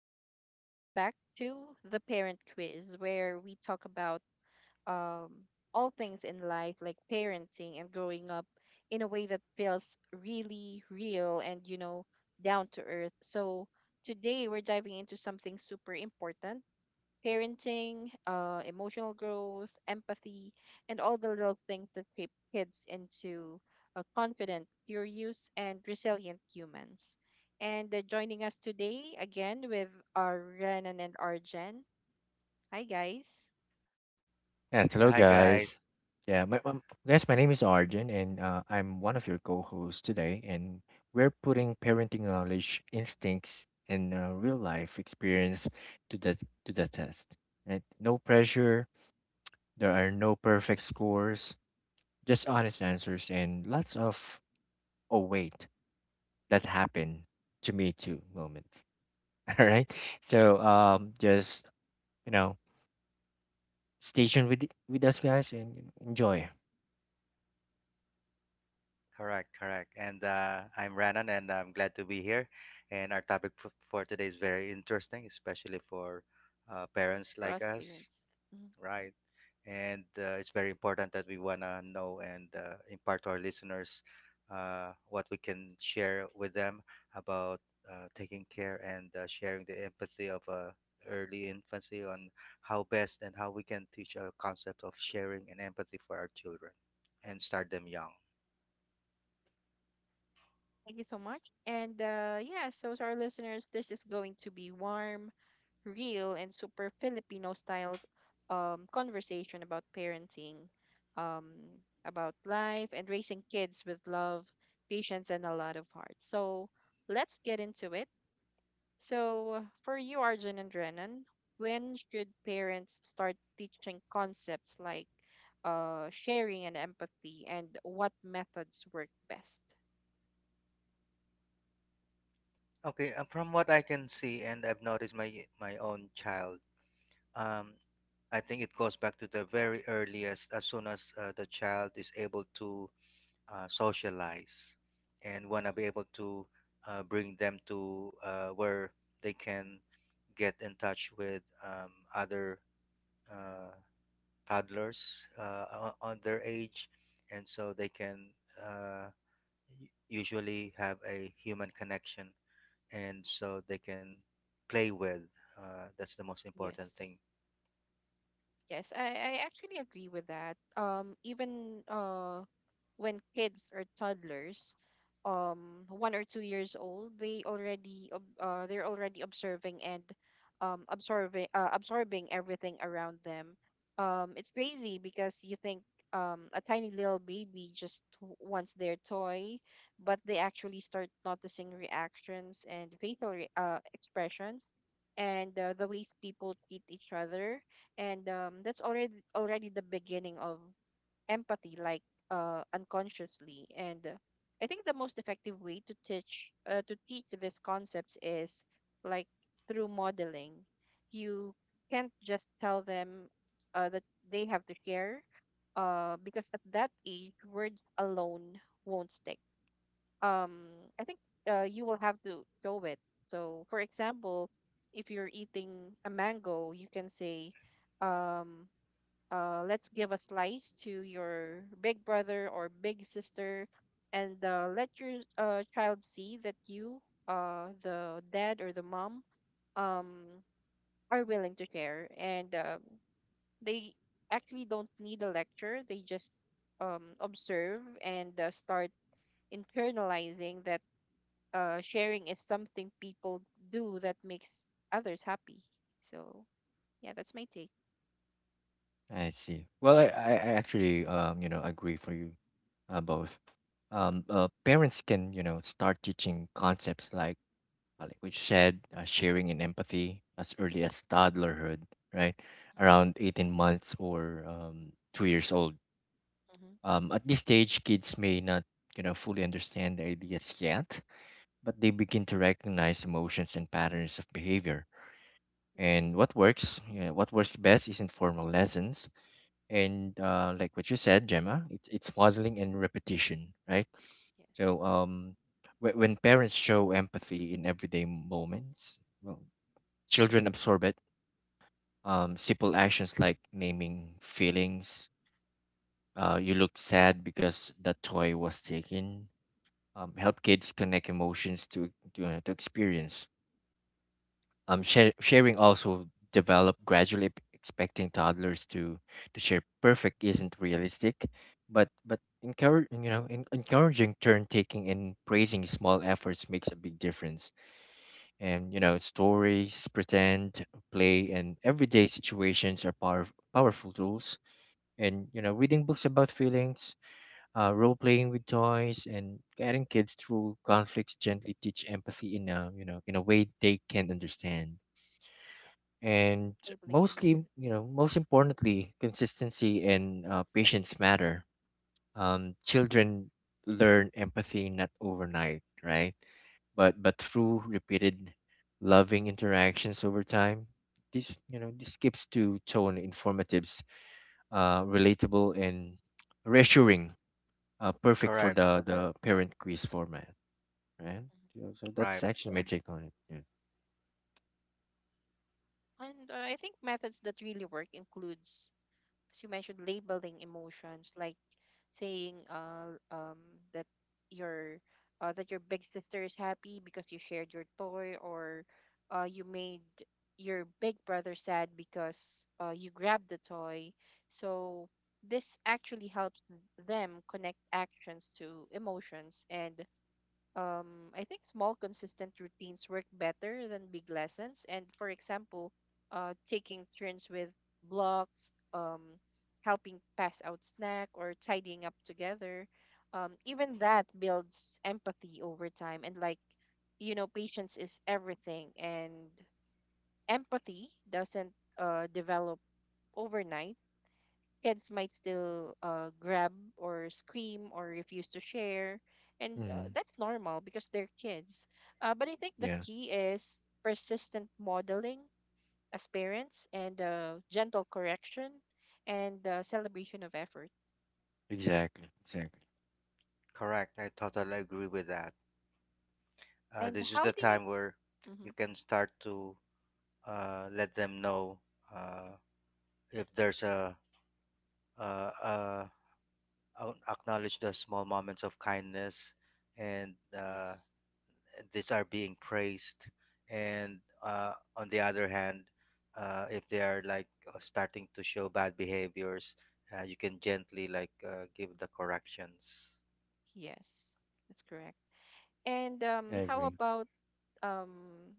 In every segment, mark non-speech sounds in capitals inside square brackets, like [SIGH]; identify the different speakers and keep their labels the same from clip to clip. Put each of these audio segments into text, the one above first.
Speaker 1: everyone, welcome back to the Parent Quiz, where we talk about um, all things in life, like parenting and growing up, in a way that feels really real and, you know, down to earth. So today we're diving into something super important parenting, emotional growth, empathy, and all the little things that shape kids into confident, curious, and resilient humans. And joining us today again with our Renan and Arjen. Hi, guys,
Speaker 2: Yeah, hi
Speaker 3: Yes, hello
Speaker 2: guys.
Speaker 3: guys. My name is Arjun, and I'm one of your co-hosts today. And we're putting parenting knowledge, instincts, and real-life experience to the to the test. Right? No pressure. There are no perfect scores. Just honest answers and lots of "oh wait, that happened to me too" moments. [LAUGHS] All right. So um, just you know, stay tuned with us, guys, and enjoy.
Speaker 2: Correct, correct. And I'm Ranan, and I'm glad to be here. And our topic for today is very interesting, especially for parents
Speaker 1: for
Speaker 2: like
Speaker 1: us
Speaker 2: us,
Speaker 1: parents. Mhm.
Speaker 2: right? And it's very important that we wanna know and impart to our listeners what we can share with them about taking care and sharing the empathy of early infancy on how best and how we can teach a concept of sharing and empathy for our children and start them young.
Speaker 1: Thank you so much. And yeah, so to our listeners, this is going to be warm real and super Filipino style conversation about parenting, um, about life, and raising kids with love, patience, and a lot of heart. So let's get into it. So, for you, Arjun and Renan, when should parents start teaching concepts like sharing and empathy, and what methods work best?
Speaker 2: Okay, from what I
Speaker 1: Yes.
Speaker 2: can see, and I've noticed my own child, um, I think it goes back to the very earliest, as soon as the child is able to socialize and want to be able to bring them to where they can get in touch with other uh, toddlers on their age, and so they can uh, usually have a human connection and so they can play with. That's the most important
Speaker 1: Yes.
Speaker 2: thing.
Speaker 1: Yes, I actually agree with that. Even when kids or toddlers, 1 or 2 years old, they they're already observing and absorbing absorbing everything around them. It's crazy because you think a tiny little baby just wants their toy, but they actually start noticing reactions and facial expressions and the ways people treat each other and that's already the beginning of empathy like unconsciously and I think the most effective way to teach to teach these concepts is like through modeling. You can't just tell them that they have to share because at that age words alone won't stick. Um, i think uh, you will have to show it. So for example, if you're eating a mango, you can say, um let's give a slice to your big brother or big sister. And let your child see that you, the dad or the mom, um, are willing to share. And they actually don't need a lecture. They just observe and start internalizing that sharing is something people do that makes others happy. So yeah, that's my take.
Speaker 3: I see. Well, I actually agree for you both. Parents can start teaching concepts like we said, sharing and empathy as early as toddlerhood, right?
Speaker 1: Mhm.
Speaker 3: Around 18 months or 2 years old.
Speaker 1: Mhm.
Speaker 3: At this stage, kids may not fully understand the ideas yet, but they begin to recognize emotions and patterns of behavior.
Speaker 1: Yes,
Speaker 3: And what works, what works best isn't formal lessons and like what you said, Gemma, it's modeling and repetition, right? So
Speaker 1: yes,
Speaker 3: um, wh- when parents show empathy in everyday moments, well, children absorb it. Simple actions like naming feelings, you look sad because that toy was taken, help kids connect emotions to to experience. Um, sharing also developed gradually. Expecting toddlers to share perfect isn't realistic, but encourage you know en- encouraging turn taking and praising small efforts makes a big difference. And stories, pretend, play, and everyday situations are powerful tools. And reading books about feelings, role playing with toys, and guiding kids through conflicts gently teach empathy in a in a way they can understand. And
Speaker 1: labeling
Speaker 3: mostly,
Speaker 1: emotions.
Speaker 3: most importantly, consistency and patience matter. Um, children learn empathy not overnight, right, but through repeated loving interactions over time. This, this gives to tone informatives, relatable and reassuring, perfect for
Speaker 2: Correct,
Speaker 3: the parent quiz format, right?
Speaker 1: Mhm.
Speaker 3: So that's
Speaker 2: right,
Speaker 3: actually my take on it. Yeah.
Speaker 1: And I think methods that really work includes, as you mentioned, labeling emotions, like saying, that your that your big sister is happy because you shared your toy, or you made your big brother sad because you grabbed the toy. So this actually helps them connect actions to emotions. And I think small consistent routines work better than big lessons. And for example, taking turns with blocks, helping pass out snack, or tidying up together, even that builds empathy over time. And like, you know, patience is everything, and empathy doesn't develop overnight. Kids might still grab or scream or refuse to share. And
Speaker 3: Hmm.
Speaker 1: that's normal because they're kids. But I think the
Speaker 3: Yeah.
Speaker 1: key is persistent modeling as parents and gentle correction and celebration of effort.
Speaker 3: Exactly, exactly.
Speaker 2: correct. I totally agree with that.
Speaker 1: And
Speaker 2: This is
Speaker 1: how
Speaker 2: the
Speaker 1: do you?
Speaker 2: time where you
Speaker 1: Mhm.
Speaker 2: can start to let them know uh, if there's uh uh acknowledge the small moments of kindness and
Speaker 1: Yes,
Speaker 2: these are being praised, and on the other hand, if they are like starting to show bad behaviors, you can gently like give the corrections.
Speaker 1: yes, that's correct. And
Speaker 3: I agree.
Speaker 1: um,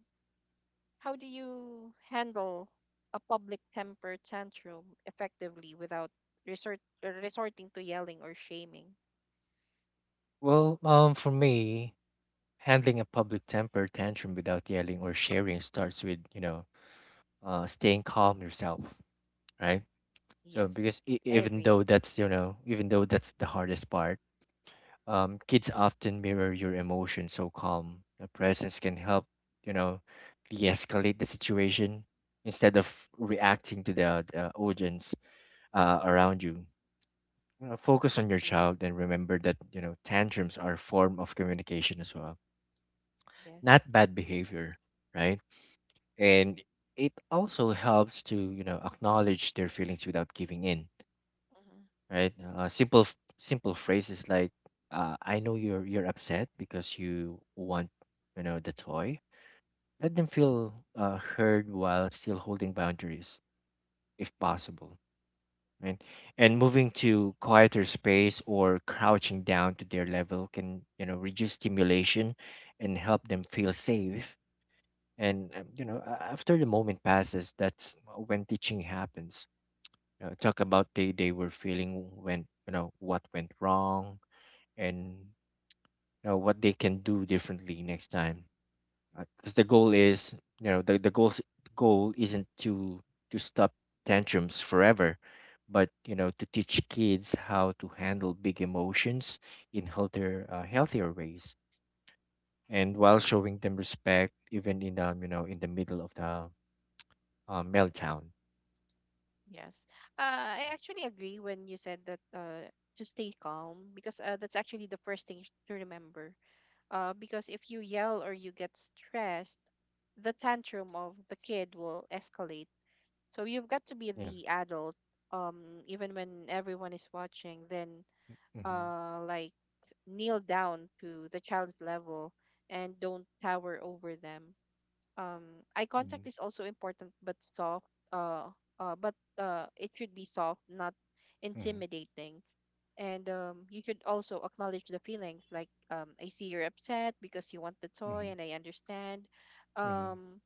Speaker 1: how do you handle a public temper tantrum effectively without resort, resorting to yelling or shaming?
Speaker 3: Well, for me, handling a public temper tantrum without yelling or sharing starts with, you know, staying calm yourself, right? So
Speaker 1: Yes,
Speaker 3: because
Speaker 1: I
Speaker 3: even
Speaker 1: agree.
Speaker 3: though that's, even though that's the hardest part, kids often mirror your emotions, so calm a presence can help, you know, de-escalate the situation instead of reacting to the audience around you. You know, focus on your
Speaker 1: Yes,
Speaker 3: child and remember that, tantrums are a form of communication as well,
Speaker 1: yes,
Speaker 3: not bad behavior, right? And it also helps to acknowledge their feelings without giving in,
Speaker 1: mhm,
Speaker 3: right? Simple simple phrases like "I know you're upset because you want the toy." Let them feel heard while still holding boundaries, if possible, right? And moving to quieter space or crouching down to their level can reduce stimulation and help them feel safe. And a- after the moment passes, that's when teaching happens. You know, talk about they were feeling, when you know what went wrong, and what they can do differently next time. Because the goal is, you know the goal goal isn't to stop tantrums forever, but to teach kids how to handle big emotions in healthier ways, and while showing them respect even in in the middle of the meltdown.
Speaker 1: yes. I actually agree when you said that to stay calm because that's actually the first thing to remember. Because if you yell or you get stressed, the tantrum of the kid will escalate. So you've got to be
Speaker 3: Yeah.
Speaker 1: the adult, even when everyone is watching. Then
Speaker 3: Hmm.
Speaker 1: like kneel down to the child's level and don't tower over them. Eye
Speaker 3: Hmm.
Speaker 1: contact is also important, but soft. Uh, but it should be soft, not
Speaker 3: Hmm.
Speaker 1: intimidating. And you should also acknowledge the feelings. Like I see you're upset because you want the toy,
Speaker 3: Hmm.
Speaker 1: and I understand.
Speaker 3: Hmm.
Speaker 1: Um,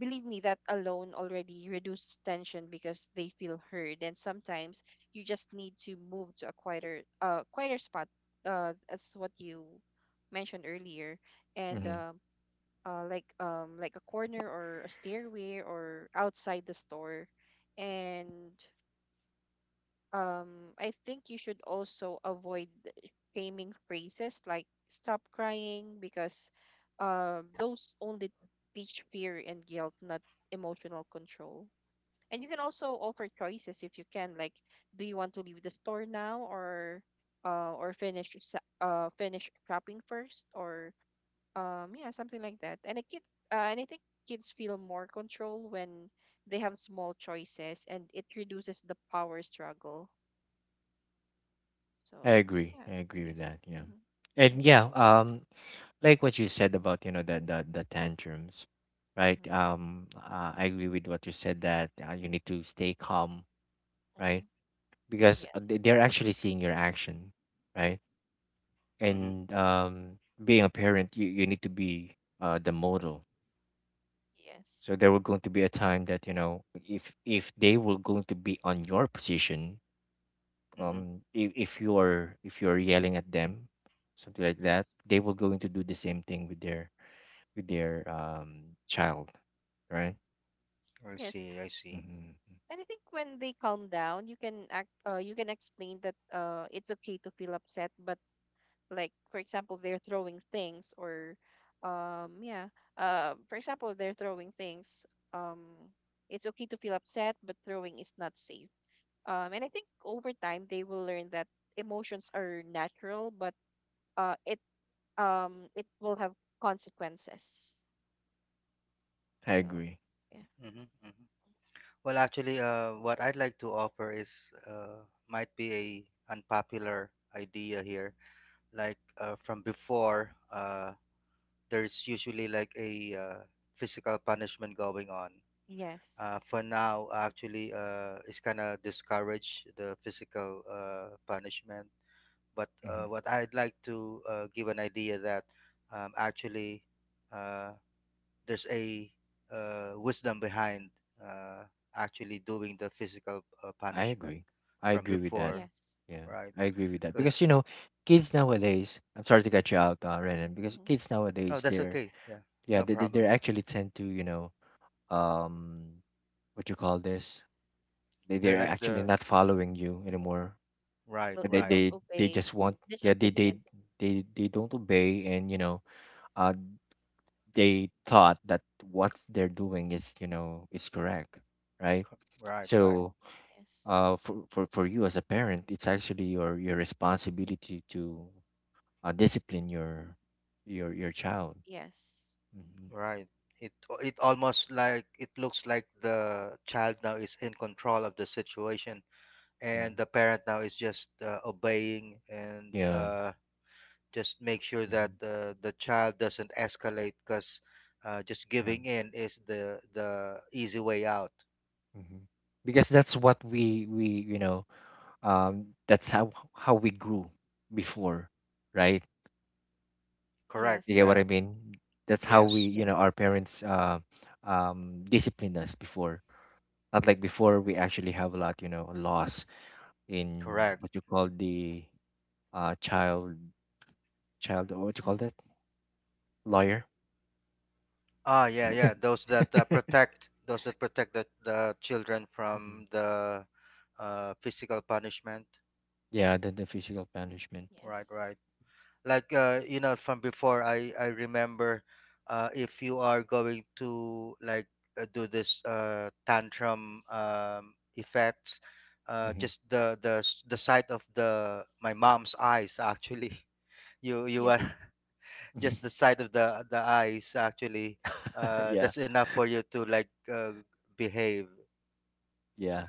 Speaker 1: believe me, that alone already reduces tension because they feel heard. And sometimes you just need to move to a quieter, quieter spot, as what you mentioned earlier, and
Speaker 3: Hmm.
Speaker 1: like a corner or a stairway or outside the store, and I think you should also avoid shaming phrases like stop crying because those only teach fear and guilt, not emotional control. And you can also offer choices if you can, like do you want to leave the store now or or finish shopping first or yeah, something like that. And I think kids feel more control when they have small choices, and it reduces the power struggle.
Speaker 3: I
Speaker 1: So
Speaker 3: agree.
Speaker 1: yeah,
Speaker 3: I agree
Speaker 1: I
Speaker 3: with
Speaker 1: guess
Speaker 3: that. Yeah.
Speaker 1: mm-hmm, it's my
Speaker 3: And
Speaker 1: take.
Speaker 3: yeah, like what you said about, the tantrums, right?
Speaker 1: Mm-hmm.
Speaker 3: I agree with what you said that you need to stay calm, right?
Speaker 1: Mm-hmm.
Speaker 3: Because
Speaker 1: Yes,
Speaker 3: they're actually seeing your action, right?
Speaker 2: Mm-hmm,
Speaker 3: And being a parent, you need to be the model.
Speaker 1: yes,
Speaker 3: So there will going to be a time that, you know, if they were going to be on your position,
Speaker 2: mm-hmm.
Speaker 3: if you're yelling at them something like that,
Speaker 1: yes,
Speaker 3: they will going to do the same thing with their child, right?
Speaker 2: I
Speaker 1: yes.
Speaker 2: see, I see.
Speaker 3: Hmm.
Speaker 1: And I think when they calm down, you can act. You can explain that it's okay to feel upset, but like for example, they're throwing things or, yeah. For example, they're throwing things. Um, it's okay to feel upset, but throwing is not safe. And I think over time they will learn that emotions are natural, but uh, it it will have consequences.
Speaker 3: I
Speaker 1: So
Speaker 3: agree.
Speaker 1: yeah.
Speaker 2: Mm-hmm, mm-hmm. Well, actually, what I'd like to offer is, might be a unpopular idea here, like from before, there's usually like a physical punishment going on.
Speaker 1: Yes,
Speaker 2: For now, actually, is kind of discourage the physical punishment. But
Speaker 3: Hmm.
Speaker 2: what I'd like to give an idea that actually, uh, there's a wisdom behind uh, actually doing the physical
Speaker 3: I
Speaker 2: punishment
Speaker 3: agree. I
Speaker 2: from
Speaker 3: agree with that.
Speaker 2: before,
Speaker 1: yes,
Speaker 3: Yeah.
Speaker 2: right?
Speaker 3: I agree with that because
Speaker 2: Because
Speaker 3: you know kids nowadays, I'm sorry to cut you out, Renan, because
Speaker 1: hmm,
Speaker 3: kids
Speaker 2: oh,
Speaker 3: nowadays
Speaker 2: that's
Speaker 3: they're,
Speaker 2: okay. Yeah,
Speaker 3: yeah,
Speaker 2: no
Speaker 3: they
Speaker 2: problem.
Speaker 3: actually tend to, you know, um, what you call this,
Speaker 2: They're
Speaker 3: they're
Speaker 2: like
Speaker 3: actually
Speaker 2: the
Speaker 3: not following you anymore,
Speaker 2: right,
Speaker 3: and
Speaker 1: they
Speaker 2: right,
Speaker 1: don't
Speaker 3: they
Speaker 1: obey,
Speaker 3: just want, yeah, they,
Speaker 1: disobedient,
Speaker 3: they don't obey, and uh they thought that what they're doing is, you know, is correct, right?
Speaker 2: right, right.
Speaker 3: So
Speaker 1: yes,
Speaker 3: for you as a parent, it's actually your responsibility to discipline your your child.
Speaker 1: yes,
Speaker 3: Hmm.
Speaker 2: Right. It it almost like it looks like the child now is in control of the situation,
Speaker 3: Yeah.
Speaker 2: and the parent now is just obeying and
Speaker 3: Yeah.
Speaker 2: just make sure that
Speaker 3: Hmm.
Speaker 2: the child doesn't escalate because just
Speaker 3: Yeah.
Speaker 2: giving in is the easy way out.
Speaker 3: Hmm. Because that's what we you know, that's how we grew before, right?
Speaker 2: Correct.
Speaker 1: yes,
Speaker 3: You get what
Speaker 2: Yeah.
Speaker 3: I mean? That's how we,
Speaker 2: Yes.
Speaker 3: you
Speaker 1: yes,
Speaker 3: know, our parents disciplined us before. Not like before, we actually have a lot, you know, loss in
Speaker 2: Correct.
Speaker 3: what you call uh, child, child, oh, what you call
Speaker 1: uh,
Speaker 3: that? Lawyer.
Speaker 2: Ah. Yeah. Yeah.
Speaker 3: [LAUGHS]
Speaker 2: Those that protect, those that protect the children
Speaker 3: Mhm.
Speaker 2: from the physical punishment.
Speaker 3: Yeah, the physical punishment.
Speaker 2: Right.
Speaker 1: yes,
Speaker 2: Right. Like from before, I remember, if you are going to like do this tantrum effects,
Speaker 3: Hmm.
Speaker 2: just the sight of the my mom's eyes actually [LAUGHS] you are
Speaker 1: yes,
Speaker 2: [LAUGHS] just the
Speaker 3: [LAUGHS]
Speaker 2: sight of the eyes actually.
Speaker 3: Yeah,
Speaker 2: That's enough for you to like behave.
Speaker 3: yeah.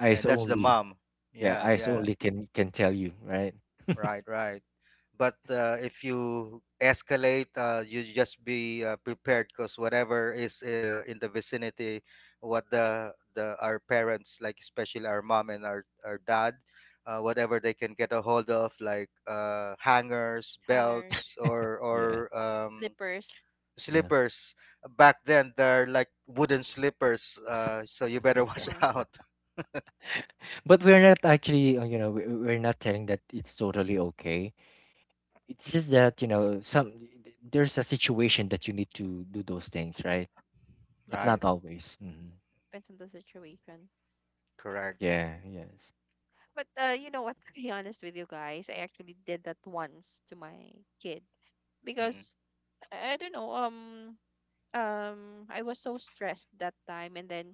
Speaker 3: Eyes
Speaker 2: And that's
Speaker 1: yes,
Speaker 2: the
Speaker 3: only.
Speaker 2: mom.
Speaker 3: Yeah,
Speaker 2: Yeah,
Speaker 3: eyes
Speaker 2: yeah.
Speaker 3: only can tell you, right?
Speaker 2: Right, right. But if you escalate, you just be prepared because whatever is in the vicinity, what the our parents, like especially our mom and our dad, whatever they can get a hold of, like hangers, belts,
Speaker 1: hangers,
Speaker 3: [LAUGHS]
Speaker 2: or
Speaker 3: Yeah,
Speaker 1: slippers,
Speaker 3: yeah.
Speaker 2: slippers. Back then, they're like wooden slippers, so you better [LAUGHS]
Speaker 1: uh
Speaker 2: watch
Speaker 1: huh.
Speaker 2: out.
Speaker 3: But we're not actually, you know, we're not telling that it's totally okay. It's just that, you know, some, there's a situation that you need to do those things, right? But
Speaker 1: Yes,
Speaker 3: not
Speaker 2: Right,
Speaker 3: always. Hmm.
Speaker 1: depends on the situation.
Speaker 2: correct.
Speaker 3: Yeah, yes.
Speaker 1: But you know what, to be honest with you guys, I actually did that once to my kid
Speaker 2: Hmm.
Speaker 1: because I don't know. I was so stressed that time, and then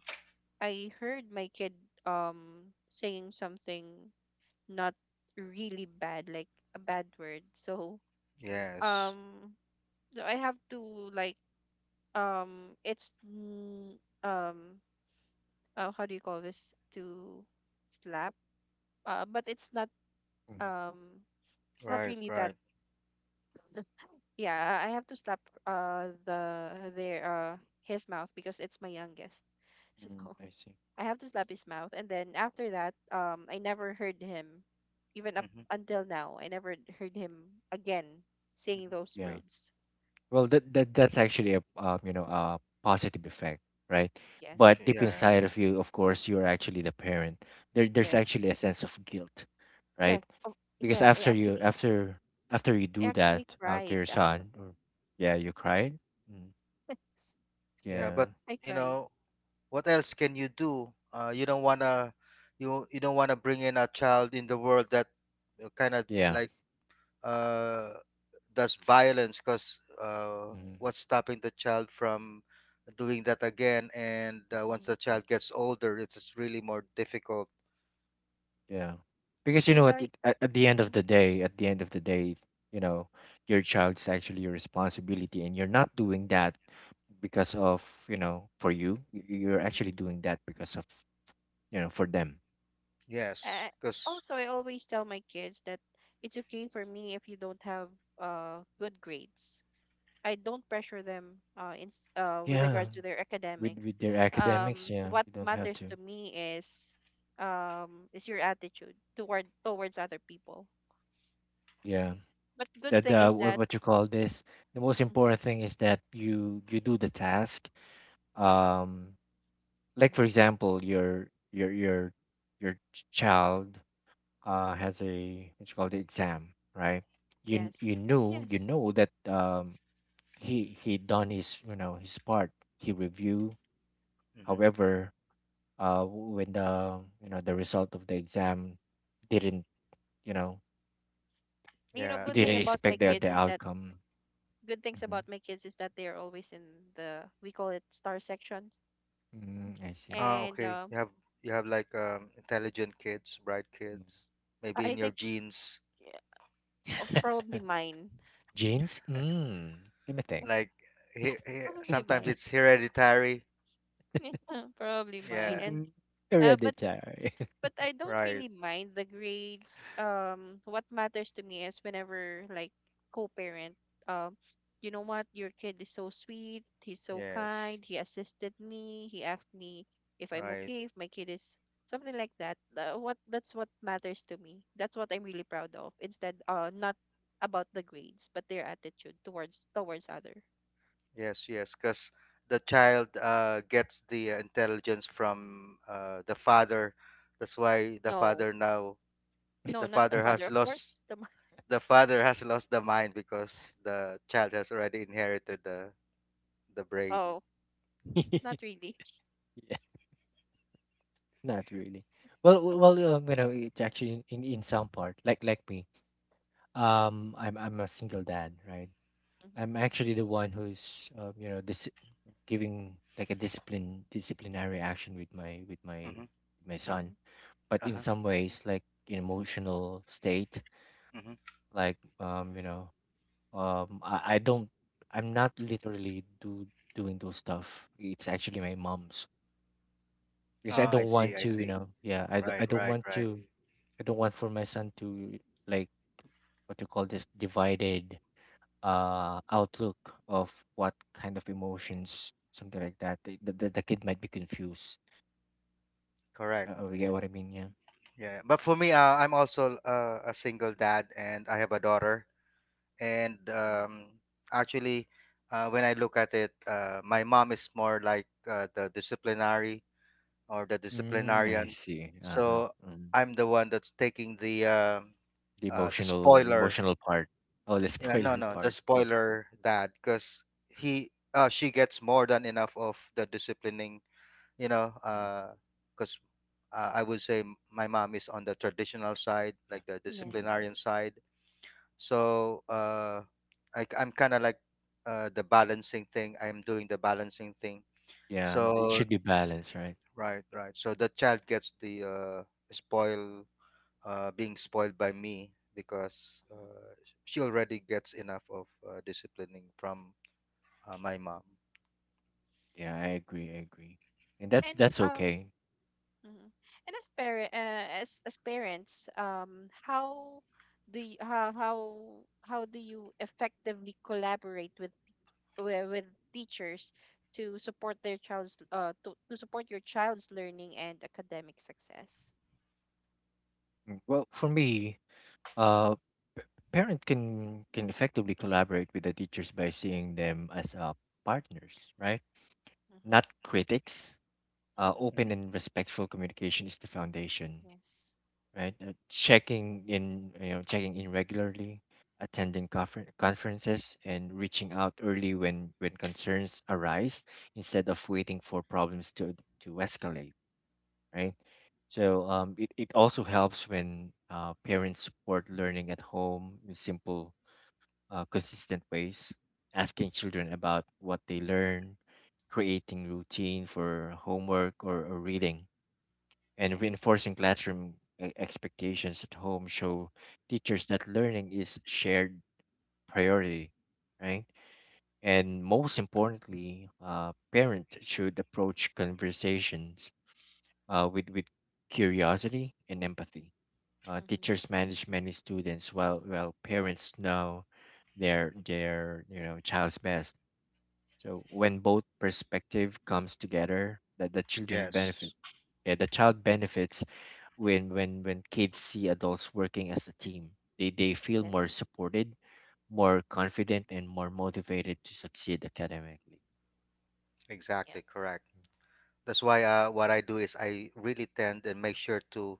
Speaker 1: I heard my kid saying something, not really bad, like a bad word. So
Speaker 2: Yes,
Speaker 1: um so I have to like um it's n- um how do you call this, to slap, but
Speaker 3: Hmm.
Speaker 1: um it's not
Speaker 2: right,
Speaker 1: really that.
Speaker 2: right.
Speaker 1: Yeah, I have to slap the their his mouth because it's my youngest. [LAUGHS]
Speaker 3: Mm,
Speaker 1: So
Speaker 3: I see.
Speaker 1: I have to slap his mouth. And then after that, I never heard him, even up
Speaker 2: Hmm.
Speaker 1: until now, I never heard him again saying those
Speaker 3: Yeah.
Speaker 1: words.
Speaker 3: Well, that's actually a you know, a positive effect, right? But
Speaker 1: Yes,
Speaker 3: deep
Speaker 2: Yeah,
Speaker 3: inside of you, of course, you're actually the parent. There's
Speaker 1: yes,
Speaker 3: actually a sense of guilt,
Speaker 1: yes.
Speaker 3: right?
Speaker 1: Oh,
Speaker 3: Because
Speaker 1: yes.
Speaker 3: after you
Speaker 1: I
Speaker 3: do that
Speaker 1: actually
Speaker 3: to
Speaker 1: cried.
Speaker 3: your
Speaker 1: [LAUGHS]
Speaker 3: son, or, yeah, you cried. Mm.
Speaker 1: Yes,
Speaker 2: yeah,
Speaker 3: Yeah.
Speaker 2: but
Speaker 1: I
Speaker 2: you
Speaker 1: cried.
Speaker 2: know, what else can you do? You don't wanna, you don't wanna bring in a child in the world that kind of
Speaker 3: Yeah.
Speaker 2: like uh does violence, because
Speaker 3: Mm-hmm.
Speaker 2: what's stopping the child from doing that again? And once the
Speaker 1: Hmm.
Speaker 2: child gets older, it's really more difficult.
Speaker 3: Yeah. Because you
Speaker 1: And
Speaker 3: know at,
Speaker 1: I,
Speaker 3: at the end of
Speaker 1: mhm,
Speaker 3: the day, at the end of the day, you know, your child's actually your responsibility, and you're not doing that because of, you know, for you. You're actually
Speaker 1: mhm.
Speaker 3: doing that because of, you know, for them.
Speaker 2: Yes,
Speaker 1: I,
Speaker 2: because.
Speaker 1: also, I always tell my kids that it's okay for me if you don't have good grades. I don't pressure them with
Speaker 3: Yeah.
Speaker 1: regards to their academics.
Speaker 3: With their academics, yeah,
Speaker 1: What
Speaker 3: you don't have
Speaker 1: matters
Speaker 3: to.
Speaker 1: to me is your attitude towards other people.
Speaker 3: Yeah.
Speaker 1: But good
Speaker 3: That
Speaker 1: thing is that
Speaker 3: what you call this, the most
Speaker 1: Mhm,
Speaker 3: important thing is that you do the task.
Speaker 1: mhm,
Speaker 3: Um, like for
Speaker 1: mhm,
Speaker 3: example, your child
Speaker 1: mhm,
Speaker 3: has a what you call the exam, right? You
Speaker 1: yes,
Speaker 3: you
Speaker 1: yes.
Speaker 3: knew you know that he done his you know his part. He review.
Speaker 2: Hmm.
Speaker 3: However, when the you know the result of the exam didn't you know,
Speaker 1: You know,
Speaker 2: Yeah.
Speaker 3: you
Speaker 1: good thing
Speaker 3: didn't
Speaker 1: about my
Speaker 3: expect
Speaker 1: kids
Speaker 3: the
Speaker 1: is that
Speaker 3: outcome.
Speaker 1: good things
Speaker 3: Hmm.
Speaker 1: about my kids is that they are always in the we call it star section,
Speaker 3: Mm, I see.
Speaker 2: Ah,
Speaker 1: and
Speaker 2: okay. You have like intelligent kids, bright kids,
Speaker 1: [LAUGHS]
Speaker 2: maybe
Speaker 1: I
Speaker 2: in your
Speaker 1: think
Speaker 2: genes.
Speaker 1: yeah, oh,
Speaker 3: Yeah.
Speaker 1: probably
Speaker 3: [LAUGHS]
Speaker 1: mine,
Speaker 3: Genes?
Speaker 2: [LAUGHS]
Speaker 3: Mm, let me think.
Speaker 1: [LAUGHS]
Speaker 2: Like,
Speaker 1: probably
Speaker 2: sometimes
Speaker 1: mine,
Speaker 2: it's hereditary.
Speaker 1: [LAUGHS] probably mine,
Speaker 2: Yeah,
Speaker 1: and.
Speaker 3: Mm,
Speaker 1: Uh, but
Speaker 3: hereditary.
Speaker 1: but I don't
Speaker 2: right.
Speaker 1: really mind the grades. What matters to me is whenever like co-parent, um, you know what, your kid is so sweet, he's so
Speaker 2: Yes,
Speaker 1: kind, he assisted me, he asked me if I'm
Speaker 2: right.
Speaker 1: okay, if my kid is something like that. What that's what matters to me. That's what I'm really proud of. Instead, not about the grades, but their attitude towards other.
Speaker 2: Yes, yes. Because the child gets the intelligence from the father. That's why the
Speaker 1: No,
Speaker 2: father now
Speaker 1: no,
Speaker 2: the
Speaker 1: not the
Speaker 2: father
Speaker 1: father,
Speaker 2: has
Speaker 1: of course.
Speaker 2: lost
Speaker 1: The mo-
Speaker 2: the father has lost the mind because the child has already inherited the
Speaker 1: [LAUGHS]
Speaker 2: brain.
Speaker 1: oh, not
Speaker 3: [LAUGHS]
Speaker 1: really.
Speaker 3: [LAUGHS] Not really. Well, well, you know, it's actually in some part, like me. Um, I'm a single dad, right?
Speaker 1: Mm-hmm.
Speaker 3: I'm actually the one who's, you know, this giving like a discipline disciplinary action with my
Speaker 2: Mm-hmm.
Speaker 3: with my son.
Speaker 1: Gone.
Speaker 3: But
Speaker 2: Uh
Speaker 3: in
Speaker 2: huh.
Speaker 3: some ways, like in emotional state,
Speaker 2: Mm-hmm.
Speaker 3: like you know, um, I, I don't, I'm not literally do doing those stuff. It's actually my mom's,
Speaker 2: Oh,
Speaker 3: because I
Speaker 2: I
Speaker 3: don't
Speaker 2: see.
Speaker 3: want
Speaker 2: I
Speaker 3: to, you
Speaker 2: see.
Speaker 3: know, yeah, I
Speaker 2: Right.
Speaker 3: don't
Speaker 2: Right.
Speaker 3: want
Speaker 2: Right.
Speaker 3: to, I don't want for my son to like what you call this divided outlook of what kind of emotions, something like that. The kid might be confused.
Speaker 2: Correct.
Speaker 3: You get what I mean? Yeah.
Speaker 2: Yeah, but for me, I'm also a single dad, and I have a daughter. And
Speaker 1: Mhm.
Speaker 2: actually, when I look at it, my mom is more like the disciplinary or the
Speaker 3: Mm, I [LAUGHS]
Speaker 2: disciplinarian.
Speaker 3: see. Uh huh.
Speaker 2: So
Speaker 3: Um,
Speaker 2: I'm the one that's taking
Speaker 3: the
Speaker 2: the spoiler.
Speaker 3: emotional part. Oh, the [LAUGHS]
Speaker 2: Yeah, no,
Speaker 3: spoiler
Speaker 2: no, the
Speaker 3: part. Yeah.
Speaker 2: spoiler dad, because he she gets more than enough of the disciplining, you know,
Speaker 3: Mm,
Speaker 2: because I would say my mom is on the traditional side,
Speaker 3: yeah.
Speaker 2: like the
Speaker 3: Mm.
Speaker 1: Yes.
Speaker 2: disciplinarian side. So I am kind of like the balancing thing. I'm doing the balancing thing.
Speaker 3: Yeah. And it
Speaker 2: So
Speaker 3: should be balanced, right?
Speaker 2: right, right. So the child gets the spoil, being spoiled by me because
Speaker 1: Mhm.
Speaker 2: she already gets enough of disciplining from my mom.
Speaker 3: Yeah, I agree. I agree. And that's
Speaker 1: And
Speaker 3: okay.
Speaker 1: mhm, and as parent, as parents, do you, how how how do you effectively collaborate with with teachers to support to support your child's learning and academic success?
Speaker 3: Mm, well, for me,
Speaker 1: Mm-hmm.
Speaker 3: uh, p- parent can effectively collaborate with the teachers by seeing them as partners, right?
Speaker 1: Mm-hmm.
Speaker 3: Not critics.
Speaker 1: Mm-hmm.
Speaker 3: Open and respectful communication is the foundation,
Speaker 1: Yes.
Speaker 3: right? Checking in, you know, checking in regularly, attending conferences, and reaching out early when concerns arise, instead of waiting for problems to escalate, right? It also helps when parents support learning at home with simple consistent ways, asking children about what they learn, creating routine for homework or reading, and
Speaker 1: Yes.
Speaker 3: reinforcing classroom expectations at home show teachers that learning is shared priority, right? And most importantly, parents should approach conversations with curiosity and empathy. Uh,
Speaker 1: Mm-hmm.
Speaker 3: teachers manage many students while parents know their you know child's best, so when both perspective comes together, that the children benefit.
Speaker 2: Yes,
Speaker 3: Yeah, the child benefits when kids see adults working as a team, they feel more
Speaker 1: Yes.
Speaker 3: supported, more confident, and more motivated to succeed academically.
Speaker 2: exactly,
Speaker 1: Yes.
Speaker 2: correct. That's why what I do is I really tend and make sure to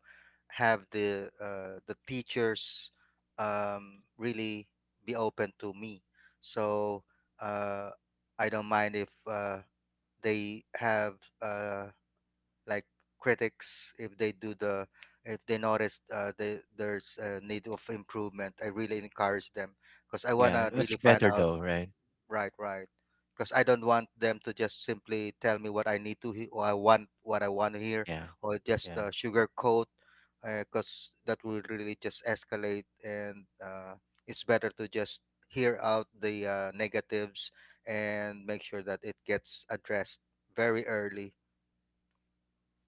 Speaker 2: have the teachers really be open to me. So uh, I don't mind if they have uh, like critics if they do the if they notice there's a need of improvement. I really encourage them because I
Speaker 3: Yeah,
Speaker 2: wanna really
Speaker 3: much
Speaker 2: find
Speaker 3: better
Speaker 2: out.
Speaker 3: though, right?
Speaker 2: Right, right. Because I don't want them to just simply tell me what I need to hear, or I want what I want to hear,
Speaker 3: Yeah,
Speaker 2: or just
Speaker 3: yeah.
Speaker 2: sugarcoat, because that will really just escalate. And it's better to just hear out the negatives and make sure that it gets addressed very early.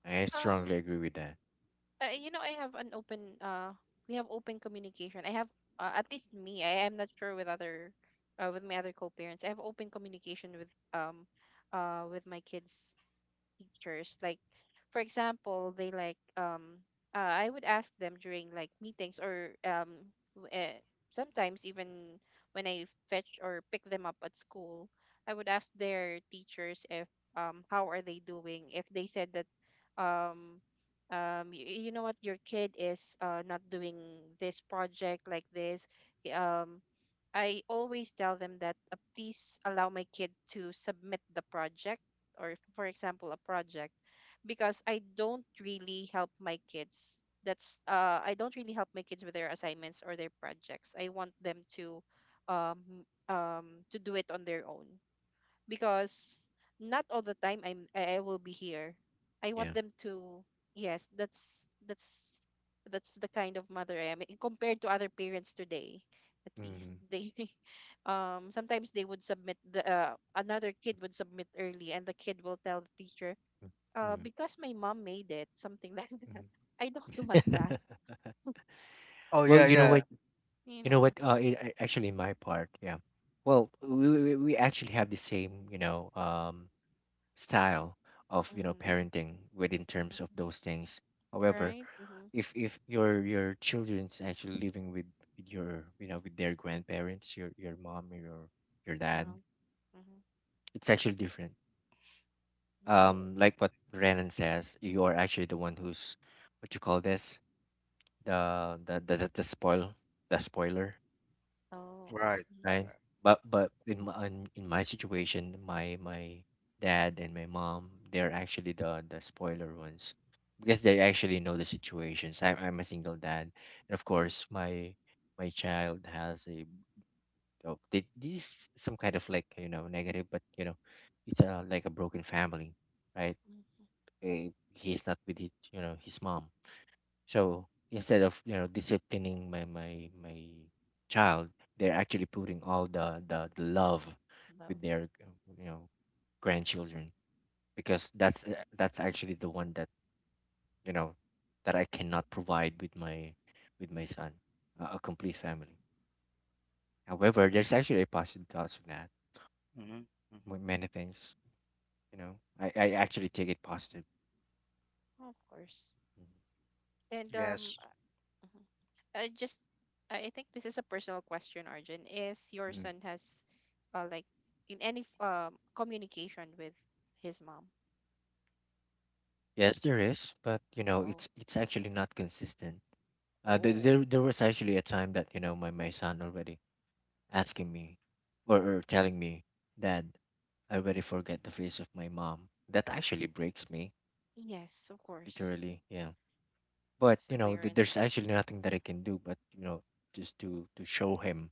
Speaker 3: I
Speaker 1: Um,
Speaker 3: strongly agree with that.
Speaker 1: You know, I have an open we have open communication. I have at least me. I am not sure with other with my other co-parents. I have open communication with my kids teachers, like for example they like I would ask them during like meetings or w- eh, sometimes even when I fetch or pick them up at school, I would ask their teachers if how are they doing. If they said that um you, you know what, your kid is not doing this project like this y- um I always tell them that please allow my kid to submit the project or for example a project, because I don't really help my kids. That's I don't really help my kids with their assignments or their projects. I want them um to do it on their own, because not all the time I will be here. I want
Speaker 3: Yeah.
Speaker 1: them to yes, that's that's the kind of mother I am, eh, compared to other parents today. At least they [LAUGHS] sometimes they would submit the another kid would submit early, and the kid will tell the teacher,
Speaker 3: Mm-hmm.
Speaker 1: because my mom made it, something like [LAUGHS] that. I don't [LAUGHS] want that,
Speaker 3: [LAUGHS]
Speaker 2: Oh
Speaker 3: Well,
Speaker 2: yeah,
Speaker 3: you know
Speaker 2: yeah.
Speaker 3: what?
Speaker 1: you
Speaker 3: You know what?
Speaker 1: know.
Speaker 3: Actually, my part, yeah. Well, we actually have the same, style of
Speaker 1: Mm-hmm.
Speaker 2: Mhm.
Speaker 3: parenting within terms of those things. However,
Speaker 1: Right? Mm-hmm.
Speaker 3: if your children's actually living with your with their grandparents, your mom or your dad,
Speaker 1: Um, Mm-hmm.
Speaker 3: it's actually different.
Speaker 1: Oh,
Speaker 3: Like what Renan says, you are actually the one who's what you call this the spoil the spoiler,
Speaker 1: oh.
Speaker 2: Right.
Speaker 1: Mm-hmm.
Speaker 3: right?
Speaker 2: Right.
Speaker 3: But in in my situation, my dad and my mom, they're actually the spoiler ones because they actually know the situations. I'm a single dad, and of course my my child has a oh, they, this some kind of like negative, but you know it's a like a broken family, right? Eh, he's not with his his mom, so instead of disciplining my child, they're actually putting all the the love with
Speaker 1: Love.
Speaker 3: their you know grandchildren because that's actually the one that you know that I cannot provide with my son, a complete
Speaker 1: Um,
Speaker 3: family. However, there's actually a positive thoughts of that.
Speaker 2: Mm-hmm.
Speaker 3: Many things, you know, I
Speaker 1: yes,
Speaker 3: actually take it positive.
Speaker 1: oh, of course.
Speaker 3: Mhm.
Speaker 1: And
Speaker 2: Yes.
Speaker 1: mhm. I just I think this is a personal question, Arjun. Is your
Speaker 3: Mhm.
Speaker 1: son has uh like in any communication with his mom?
Speaker 3: Yes, there is, but you know,
Speaker 1: Oh,
Speaker 3: it's actually not consistent. There,
Speaker 1: oh.
Speaker 3: there there was actually a time that you know my son already asking me, or telling me, Dad, I already forget the face of my mom. That actually breaks me,
Speaker 1: Yes, of course.
Speaker 3: literally. Yeah. But
Speaker 1: As a
Speaker 3: you know,
Speaker 1: parent,
Speaker 3: there's actually nothing that I can do, but you know, just to show him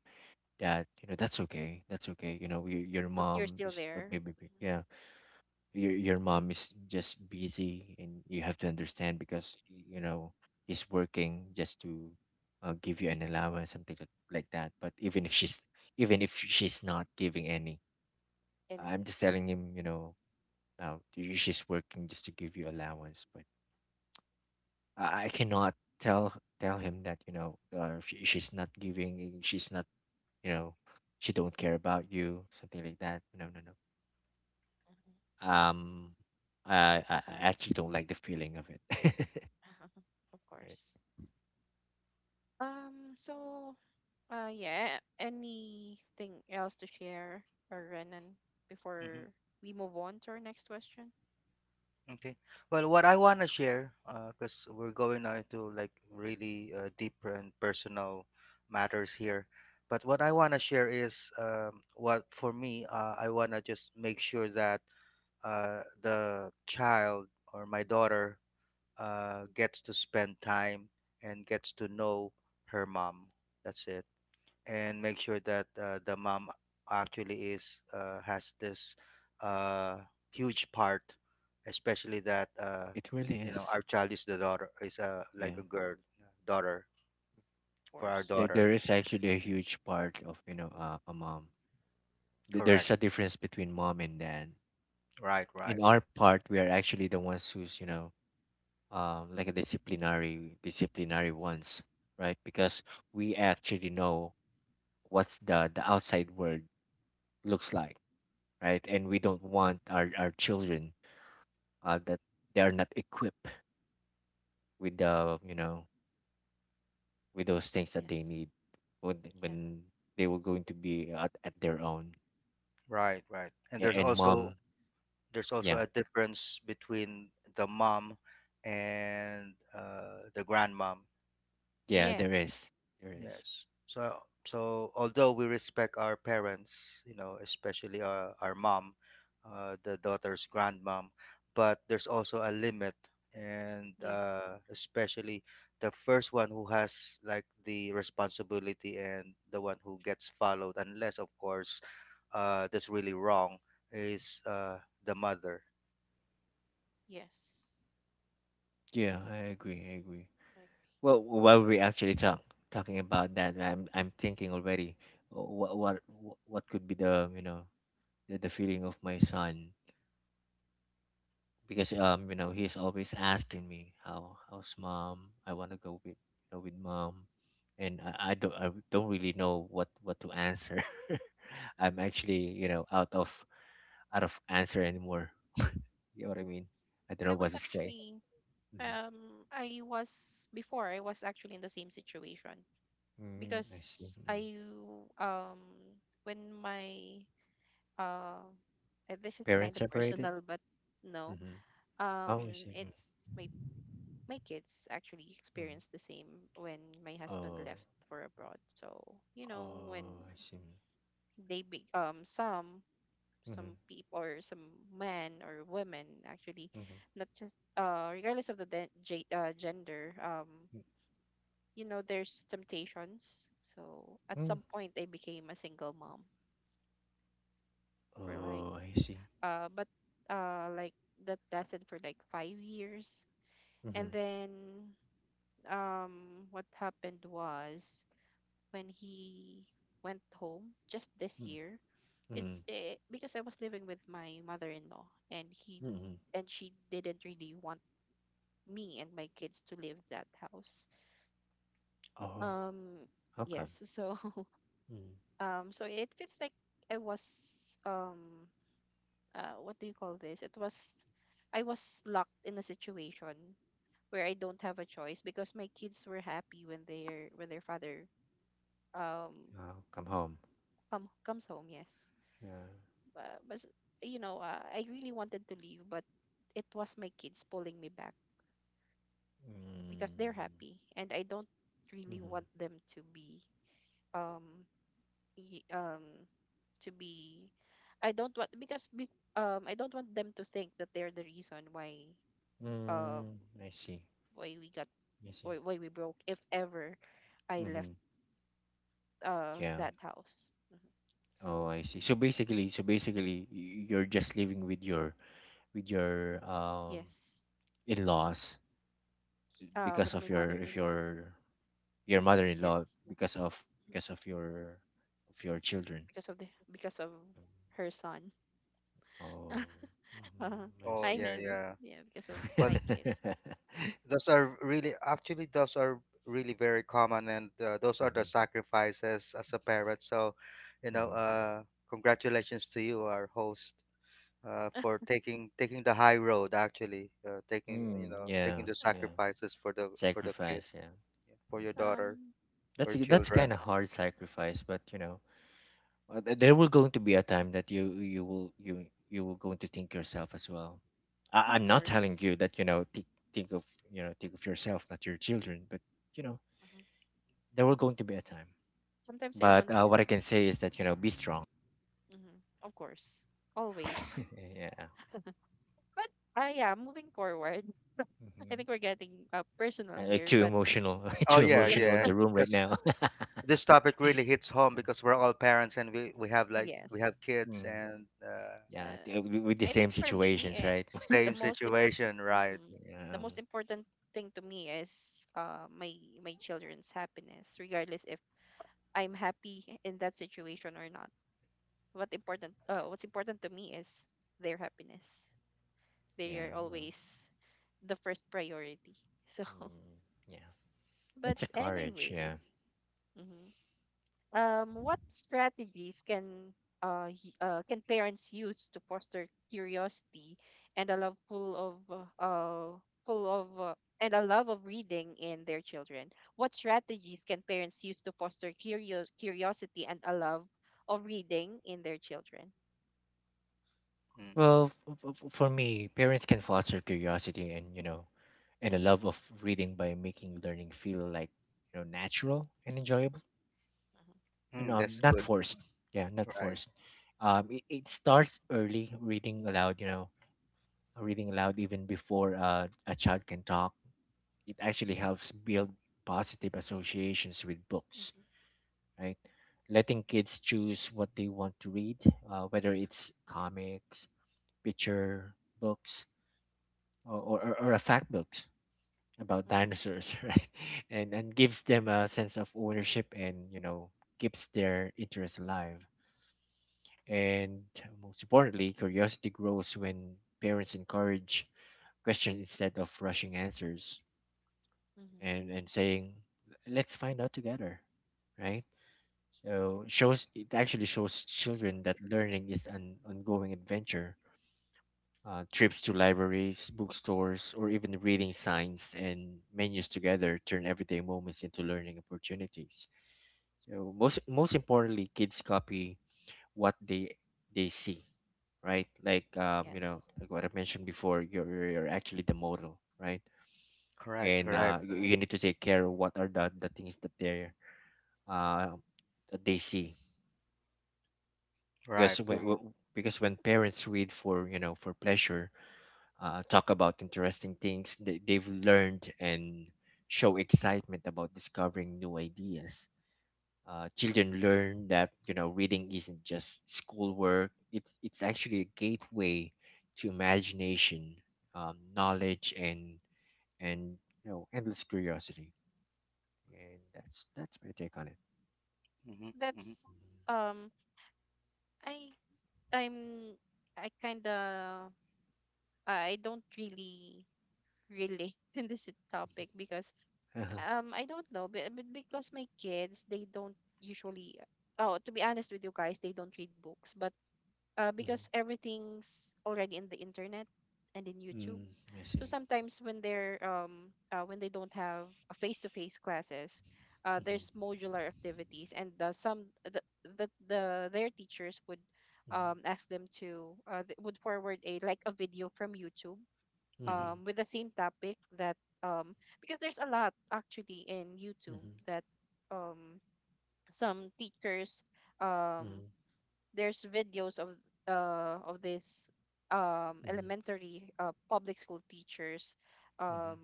Speaker 3: that you know that's okay, that's okay. You know, your
Speaker 1: but you're
Speaker 3: mom
Speaker 1: still
Speaker 3: is
Speaker 1: there.
Speaker 3: maybe
Speaker 1: Mhm.
Speaker 3: yeah. your mom is just busy and you have to understand because you know he's working just to give you an allowance something like that, but even if she's not giving any. I'm
Speaker 1: Anything?
Speaker 3: just telling him you know now she's working just to give you allowance. But I cannot tell tell him that you know she's not giving she's not you know she don't care about you something like that, no, no, no.
Speaker 1: Mhm.
Speaker 3: um
Speaker 1: It's sad.
Speaker 3: I actually don't like the feeling of it. [LAUGHS]
Speaker 1: [LAUGHS] Of
Speaker 3: Right.
Speaker 1: course. Um. So Uh, yeah. Anything else to share, Renan, before we move on to our next question? Of
Speaker 2: Okay. Well, what I want to share, because we're going now into like really deep and personal matters here, but what I want to share is, what for me, I want to just make sure that the child or my daughter gets to spend time and gets to know her mom. That's it, and make sure that the mom actually is, has this uh, huge part, especially that
Speaker 3: It really is.
Speaker 2: our child is the daughter, is like
Speaker 3: Yeah.
Speaker 2: a girl daughter for our
Speaker 1: course.
Speaker 3: There,
Speaker 2: daughter.
Speaker 3: there is actually a huge part of, you know, a mom. There's
Speaker 2: Correct.
Speaker 3: a difference between mom and dad.
Speaker 2: Right. Right.
Speaker 3: In our part, we are actually the ones who's, you know, like a disciplinary ones, right? Because we actually know what's the outside world looks like, right? And we don't want our children, that they are not equipped with the you know with those things that they
Speaker 1: Yes.
Speaker 3: need
Speaker 1: Yeah.
Speaker 3: when they were going to be at their own.
Speaker 2: Right. Right. And
Speaker 3: A- and Yeah. Mom,
Speaker 2: there's also
Speaker 3: yeah,
Speaker 2: a difference between the mom and the grandmom.
Speaker 3: yeah, there
Speaker 1: Yes.
Speaker 3: is, there is.
Speaker 2: Yes. So although we respect our parents, especially our mom, the daughter's grandmom, but there's also a limit, and
Speaker 1: Yes.
Speaker 2: especially the first one who has like the responsibility and the one who gets followed, unless of course that's really wrong, is the mother.
Speaker 1: Yes.
Speaker 3: Yeah, I agree, I
Speaker 1: Mm,
Speaker 3: agree.
Speaker 1: I agree.
Speaker 3: Well, while we actually talking about that, I'm thinking already what what what could be the you know the feeling of my son because you know he's always asking me how's mom, I want to go with you know with mom. And I don't really know what to answer. [LAUGHS] I'm actually you know out of answer anymore, you know what I mean. I don't know
Speaker 1: I
Speaker 3: what
Speaker 1: was
Speaker 3: to say.
Speaker 1: actually
Speaker 3: Hmm.
Speaker 1: I was before I was actually in the same situation
Speaker 3: Mm,
Speaker 1: because
Speaker 3: I see, mm.
Speaker 1: I um when my uh this is kind
Speaker 3: Parents
Speaker 1: of
Speaker 3: separated.
Speaker 1: personal but no
Speaker 3: Mm-hmm. Oh, I
Speaker 1: um
Speaker 3: see, mm.
Speaker 1: it's my my kids actually
Speaker 3: Mm.
Speaker 1: experienced the same when my husband
Speaker 3: Oh.
Speaker 1: left for abroad. So, you know, when
Speaker 3: Oh, I see.
Speaker 1: they be, um some
Speaker 3: Mm-hmm.
Speaker 1: some people or some men or women actually
Speaker 3: Mm-hmm.
Speaker 1: not just regardless of the gender. You know there's temptations, so at
Speaker 3: Mm-hmm.
Speaker 1: some point I became a single mom for
Speaker 3: Oh, I see.
Speaker 1: uh but like that lasted for like 5 years. And
Speaker 3: Mm-hmm.
Speaker 1: then what happened was when he went home just this year.
Speaker 3: Mm-hmm.
Speaker 1: Because I was living with my mother-in-law
Speaker 3: Mm-hmm.
Speaker 1: and she didn't really want me and my kids to leave that house.
Speaker 3: Oh.
Speaker 1: Um
Speaker 3: Welcome.
Speaker 1: yes, so
Speaker 3: Mm.
Speaker 1: [LAUGHS] so it feels like I was what do you call this? It was I was locked in a situation where I don't have a choice because my kids were happy when their father um
Speaker 3: Welcome home.
Speaker 1: comes home, yes.
Speaker 3: Yeah.
Speaker 1: Uh, but you know, I really wanted to leave, but it was my kids pulling me back because they're
Speaker 3: Mm.
Speaker 1: happy, and I don't really
Speaker 3: Mm-hmm.
Speaker 1: want them to be um y- um to be. I don't I don't want them to think that they're the reason um
Speaker 3: Mm. I see.
Speaker 1: why we got
Speaker 3: I see.
Speaker 1: why we broke if ever I left
Speaker 3: Mm-hmm. Yeah.
Speaker 1: that house. Hmm.
Speaker 3: Oh,
Speaker 1: So
Speaker 3: I see. So basically, you're just living with your
Speaker 1: yes,
Speaker 3: in-laws
Speaker 1: uh, with
Speaker 3: because
Speaker 1: my
Speaker 3: of your if
Speaker 1: mother-in-law.
Speaker 3: your your mother-in-law,
Speaker 1: Yes.
Speaker 3: because of
Speaker 1: Mhm.
Speaker 3: because of your children.
Speaker 1: Because of her son.
Speaker 3: Oh.
Speaker 1: [LAUGHS] Uh,
Speaker 3: Mm-hmm. I
Speaker 2: Oh
Speaker 1: I
Speaker 3: see.
Speaker 2: yeah,
Speaker 1: mean,
Speaker 2: yeah.
Speaker 1: yeah, because of
Speaker 3: [LAUGHS]
Speaker 2: Well,
Speaker 1: my kids.
Speaker 3: Yeah.
Speaker 2: those are really, actually, those are really very common, and those are the
Speaker 3: Mm-hmm.
Speaker 2: sacrifices as a parent. So, you know,
Speaker 3: Mm-hmm.
Speaker 2: uh, congratulations to you, our host, for taking the high road. Actually, taking,
Speaker 3: Mm,
Speaker 2: taking
Speaker 3: yeah.
Speaker 2: the
Speaker 1: Uh,
Speaker 3: Yeah.
Speaker 2: sacrifices for the kid,
Speaker 3: Sacrifice, yeah.
Speaker 2: yeah, for your
Speaker 3: Mm-mm.
Speaker 2: daughter,
Speaker 1: um,
Speaker 3: That's
Speaker 2: for
Speaker 3: that's
Speaker 2: children.
Speaker 3: kind of
Speaker 1: yeah,
Speaker 3: hard sacrifice, but you know, there will going to be a time that you you will going to think yourself as well.
Speaker 1: of
Speaker 3: I'm not
Speaker 1: course.
Speaker 3: telling you that you know think of you know think of yourself, not your children, but you know
Speaker 1: Mhm.
Speaker 3: there will going to be a time.
Speaker 1: Sometimes I
Speaker 3: But
Speaker 1: want
Speaker 3: what
Speaker 1: to,
Speaker 3: I can say is that you know be strong.
Speaker 1: mhm, of course, always.
Speaker 3: [LAUGHS] Yeah.
Speaker 1: But yeah, moving forward, [LAUGHS] I
Speaker 3: Hmm.
Speaker 1: think we're getting personal
Speaker 3: I, like
Speaker 1: here.
Speaker 3: too
Speaker 1: But
Speaker 3: emotional, [LAUGHS]
Speaker 2: Oh
Speaker 3: too
Speaker 2: yeah,
Speaker 1: yeah,
Speaker 3: emotional in the
Speaker 2: yeah.
Speaker 3: room right
Speaker 2: Because
Speaker 3: now. [LAUGHS]
Speaker 2: this topic really hits home
Speaker 3: Yeah.
Speaker 2: because we're all parents and we
Speaker 1: yes.
Speaker 2: have kids
Speaker 3: Mm.
Speaker 2: and
Speaker 3: Yeah,
Speaker 1: Uh,
Speaker 3: with the
Speaker 1: I think
Speaker 3: same
Speaker 1: for me,
Speaker 3: situations,
Speaker 1: eh,
Speaker 3: right?
Speaker 1: the
Speaker 2: same
Speaker 3: [LAUGHS]
Speaker 2: situation, right?
Speaker 1: mhm, the
Speaker 3: Yeah,
Speaker 1: most important thing to me is my my children's happiness, regardless if I'm happy in that situation or not. What's important to me is their happiness. They
Speaker 3: yeah,
Speaker 1: are
Speaker 3: well,
Speaker 1: always the first priority, so. [LAUGHS]
Speaker 3: mm, yeah,
Speaker 1: But
Speaker 3: that's a courage, yeah.
Speaker 1: anyways, mhm. Um, what strategies can can parents use to foster curiosity and a love full of and a love of reading in their children. What strategies can parents use to foster curiosity and a love of reading in their children?
Speaker 2: Mm.
Speaker 3: Well, for me, parents can foster curiosity and, you know, and a love of reading by making learning feel like, you know, natural and enjoyable
Speaker 1: Mhm,
Speaker 3: and
Speaker 2: Mm, that's
Speaker 3: not
Speaker 2: good,
Speaker 3: forced. Yeah, not
Speaker 2: right?
Speaker 3: forced. It starts early, reading aloud, you know, reading aloud even before a child can talk. It actually helps build positive associations with books,
Speaker 1: mhm,
Speaker 3: right? Letting kids choose what they want to read, whether it's comics, picture books, or, or a fact books about
Speaker 1: mhm.
Speaker 3: dinosaurs, [LAUGHS] right? And gives them a sense of ownership and you know keeps their interest alive. And most importantly, curiosity grows when parents encourage questions instead of rushing answers
Speaker 1: Mm-hmm.
Speaker 3: and saying, "Let's find out together," right? Shows it actually shows children that learning is an ongoing adventure. Trips to libraries, bookstores, or even reading signs and menus together turn everyday moments into learning opportunities. So most most importantly, kids copy what they see, right? Like you know,
Speaker 1: Yes.
Speaker 3: like what I mentioned before, you're actually the model, right?
Speaker 2: Correct,
Speaker 3: And
Speaker 2: correct,
Speaker 3: you need to take care of what are the things that they're uh, that they see because
Speaker 2: right.
Speaker 3: because when parents read for you know for pleasure, talk about interesting things they've learned and show excitement about discovering new ideas, children learn that you know reading isn't just schoolwork, it's actually a gateway to imagination, knowledge and you know endless curiosity. And that's my take on it.
Speaker 2: Mm-hmm, mm-hmm,
Speaker 1: That's um I I'm I kind of I don't really relate [LAUGHS] in this topic because
Speaker 3: Mhm. Uh-huh.
Speaker 1: I don't know but because my kids they don't usually, oh, to be honest with you guys, they don't read books, but
Speaker 3: Mhm.
Speaker 1: because everything's already in the internet and in YouTube.
Speaker 3: Mm. [LAUGHS] I
Speaker 1: So
Speaker 3: see.
Speaker 1: sometimes when they're when they don't have a face-to-face classes, there's modular activities, and the, some the their teachers would
Speaker 3: Hmm.
Speaker 1: ask them to would forward a like a video from YouTube
Speaker 2: mm-hmm,
Speaker 3: Hmm.
Speaker 1: with the same topic that um because there's a lot actually in YouTube
Speaker 3: Mhm,
Speaker 1: that um some teachers um
Speaker 3: mhm,
Speaker 1: there's videos of this
Speaker 3: mhm,
Speaker 1: elementary public school teachers
Speaker 3: mhm,
Speaker 1: um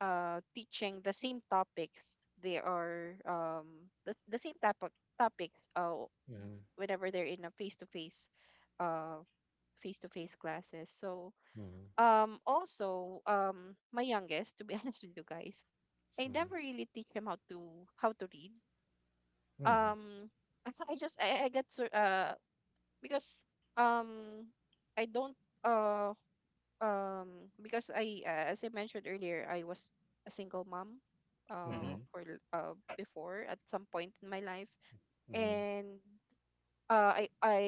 Speaker 1: teaching the same topics they are the same type of topics whenever they're in a uh face to face classes. So
Speaker 3: mhm,
Speaker 1: also my youngest, to be [LAUGHS] honest with you guys, I
Speaker 3: mhm,
Speaker 1: never really teach him how to read.
Speaker 3: mhm, mhm,
Speaker 1: um [LAUGHS] I just I got sur- because um I don't uh because I, as I mentioned earlier, I was a single mom
Speaker 2: mm-hmm.
Speaker 3: mhm,
Speaker 1: before, at some point in my life.
Speaker 3: mhm,
Speaker 1: And I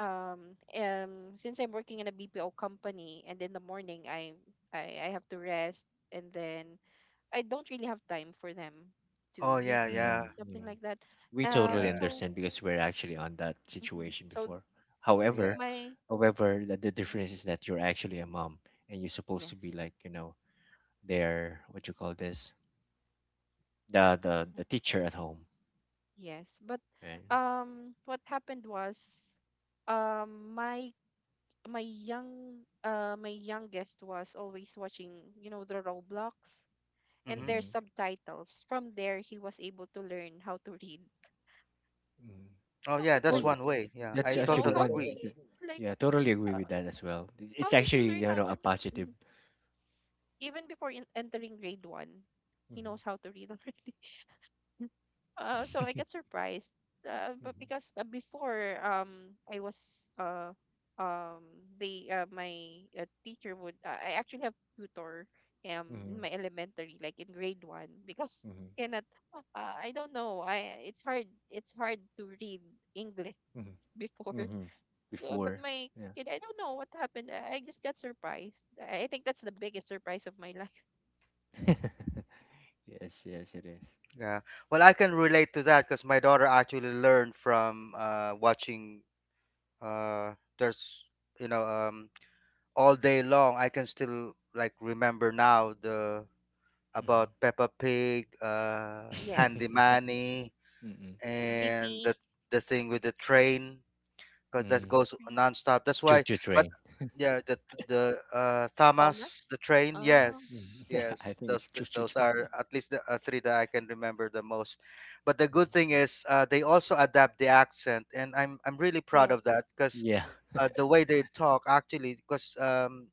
Speaker 1: Since I'm working in a BPO company and in the morning I I have to rest, and then I don't really have time for them
Speaker 2: Oh
Speaker 1: to read,
Speaker 2: yeah, yeah,
Speaker 3: mhm,
Speaker 1: something
Speaker 3: mhm.
Speaker 1: like that.
Speaker 3: We totally
Speaker 2: yeah,
Speaker 1: So
Speaker 3: understand because we're actually on that
Speaker 1: mhm.
Speaker 3: situation
Speaker 1: So
Speaker 3: before. However,
Speaker 2: yes.
Speaker 1: my
Speaker 3: however, the
Speaker 1: mhm,
Speaker 3: difference is that you're actually a mom and you're supposed to be
Speaker 1: yes.
Speaker 3: like, you know, their what you call this, the teacher at home,
Speaker 1: Yes, but
Speaker 3: right?
Speaker 1: what happened was, um, my my youngest was always watching, you know, the Roblox and
Speaker 2: Mm-hmm.
Speaker 1: their
Speaker 3: Mm-hmm.
Speaker 1: subtitles. From there, he was able to learn how to read.
Speaker 3: Mm-hmm.
Speaker 1: It's
Speaker 2: Oh
Speaker 1: not
Speaker 2: yeah,
Speaker 3: Well,
Speaker 2: that's
Speaker 1: surprised,
Speaker 2: one way.
Speaker 3: yeah.
Speaker 2: Yeah, I
Speaker 3: That's
Speaker 1: you know,
Speaker 3: actually
Speaker 2: totally
Speaker 1: how
Speaker 3: one.
Speaker 1: to
Speaker 2: agree.
Speaker 3: Th-.
Speaker 1: read. Like,
Speaker 3: Yeah, totally agree
Speaker 1: uh,
Speaker 3: with that as well. It's
Speaker 1: how did you
Speaker 3: actually,
Speaker 1: learn
Speaker 3: you
Speaker 1: how
Speaker 3: know, a
Speaker 1: to read?
Speaker 3: positive.
Speaker 1: Mhm. Even before in entering grade one, he
Speaker 3: Mhm.
Speaker 1: knows how to read [LAUGHS] already. So I get
Speaker 3: [LAUGHS]
Speaker 1: surprised, but
Speaker 3: Mhm.
Speaker 1: because before I was um they my teacher would I actually have tutor in
Speaker 3: Mhm.
Speaker 1: my elementary like in grade one because
Speaker 3: Mhm.
Speaker 1: cannot I don't know, I it's hard, it's hard to read English
Speaker 3: Mhm.
Speaker 1: [LAUGHS] before.
Speaker 3: Mhm.
Speaker 1: So but
Speaker 3: Before.
Speaker 1: my
Speaker 3: Yeah.
Speaker 1: kid, I don't know what happened, I just got surprised. I think that's the biggest surprise of my [LAUGHS] life.
Speaker 3: [LAUGHS] Yes, yes, it is.
Speaker 2: Yeah. Well, I can relate to that because my daughter actually learned from watching. There's, you know um, all day long, I can still like remember now the
Speaker 3: Mhm.
Speaker 2: about Peppa Pig, Handy
Speaker 1: Yes.
Speaker 3: [LAUGHS]
Speaker 2: Manny,
Speaker 3: Mm-mm.
Speaker 2: and
Speaker 1: BP.
Speaker 2: the thing with the train. 'Cause that
Speaker 3: Mm.
Speaker 2: goes nonstop. That's why,
Speaker 3: Choo-choo
Speaker 2: but
Speaker 3: train.
Speaker 2: yeah, the Thamas, the
Speaker 1: Thomas.
Speaker 2: train,
Speaker 1: Um,
Speaker 2: yes,
Speaker 3: Mhm. [LAUGHS] I
Speaker 2: yes.
Speaker 3: think
Speaker 2: Those
Speaker 3: it's
Speaker 2: th
Speaker 3: choo-choo
Speaker 2: those
Speaker 3: train.
Speaker 2: are
Speaker 3: [LAUGHS]
Speaker 2: at least the, 3 that I can remember the most. But the
Speaker 3: Mhm.
Speaker 2: good thing is, they also adapt the accent, and I'm really proud
Speaker 1: yes.
Speaker 2: of that, 'cause
Speaker 3: Yeah.
Speaker 2: the way they talk actually, cause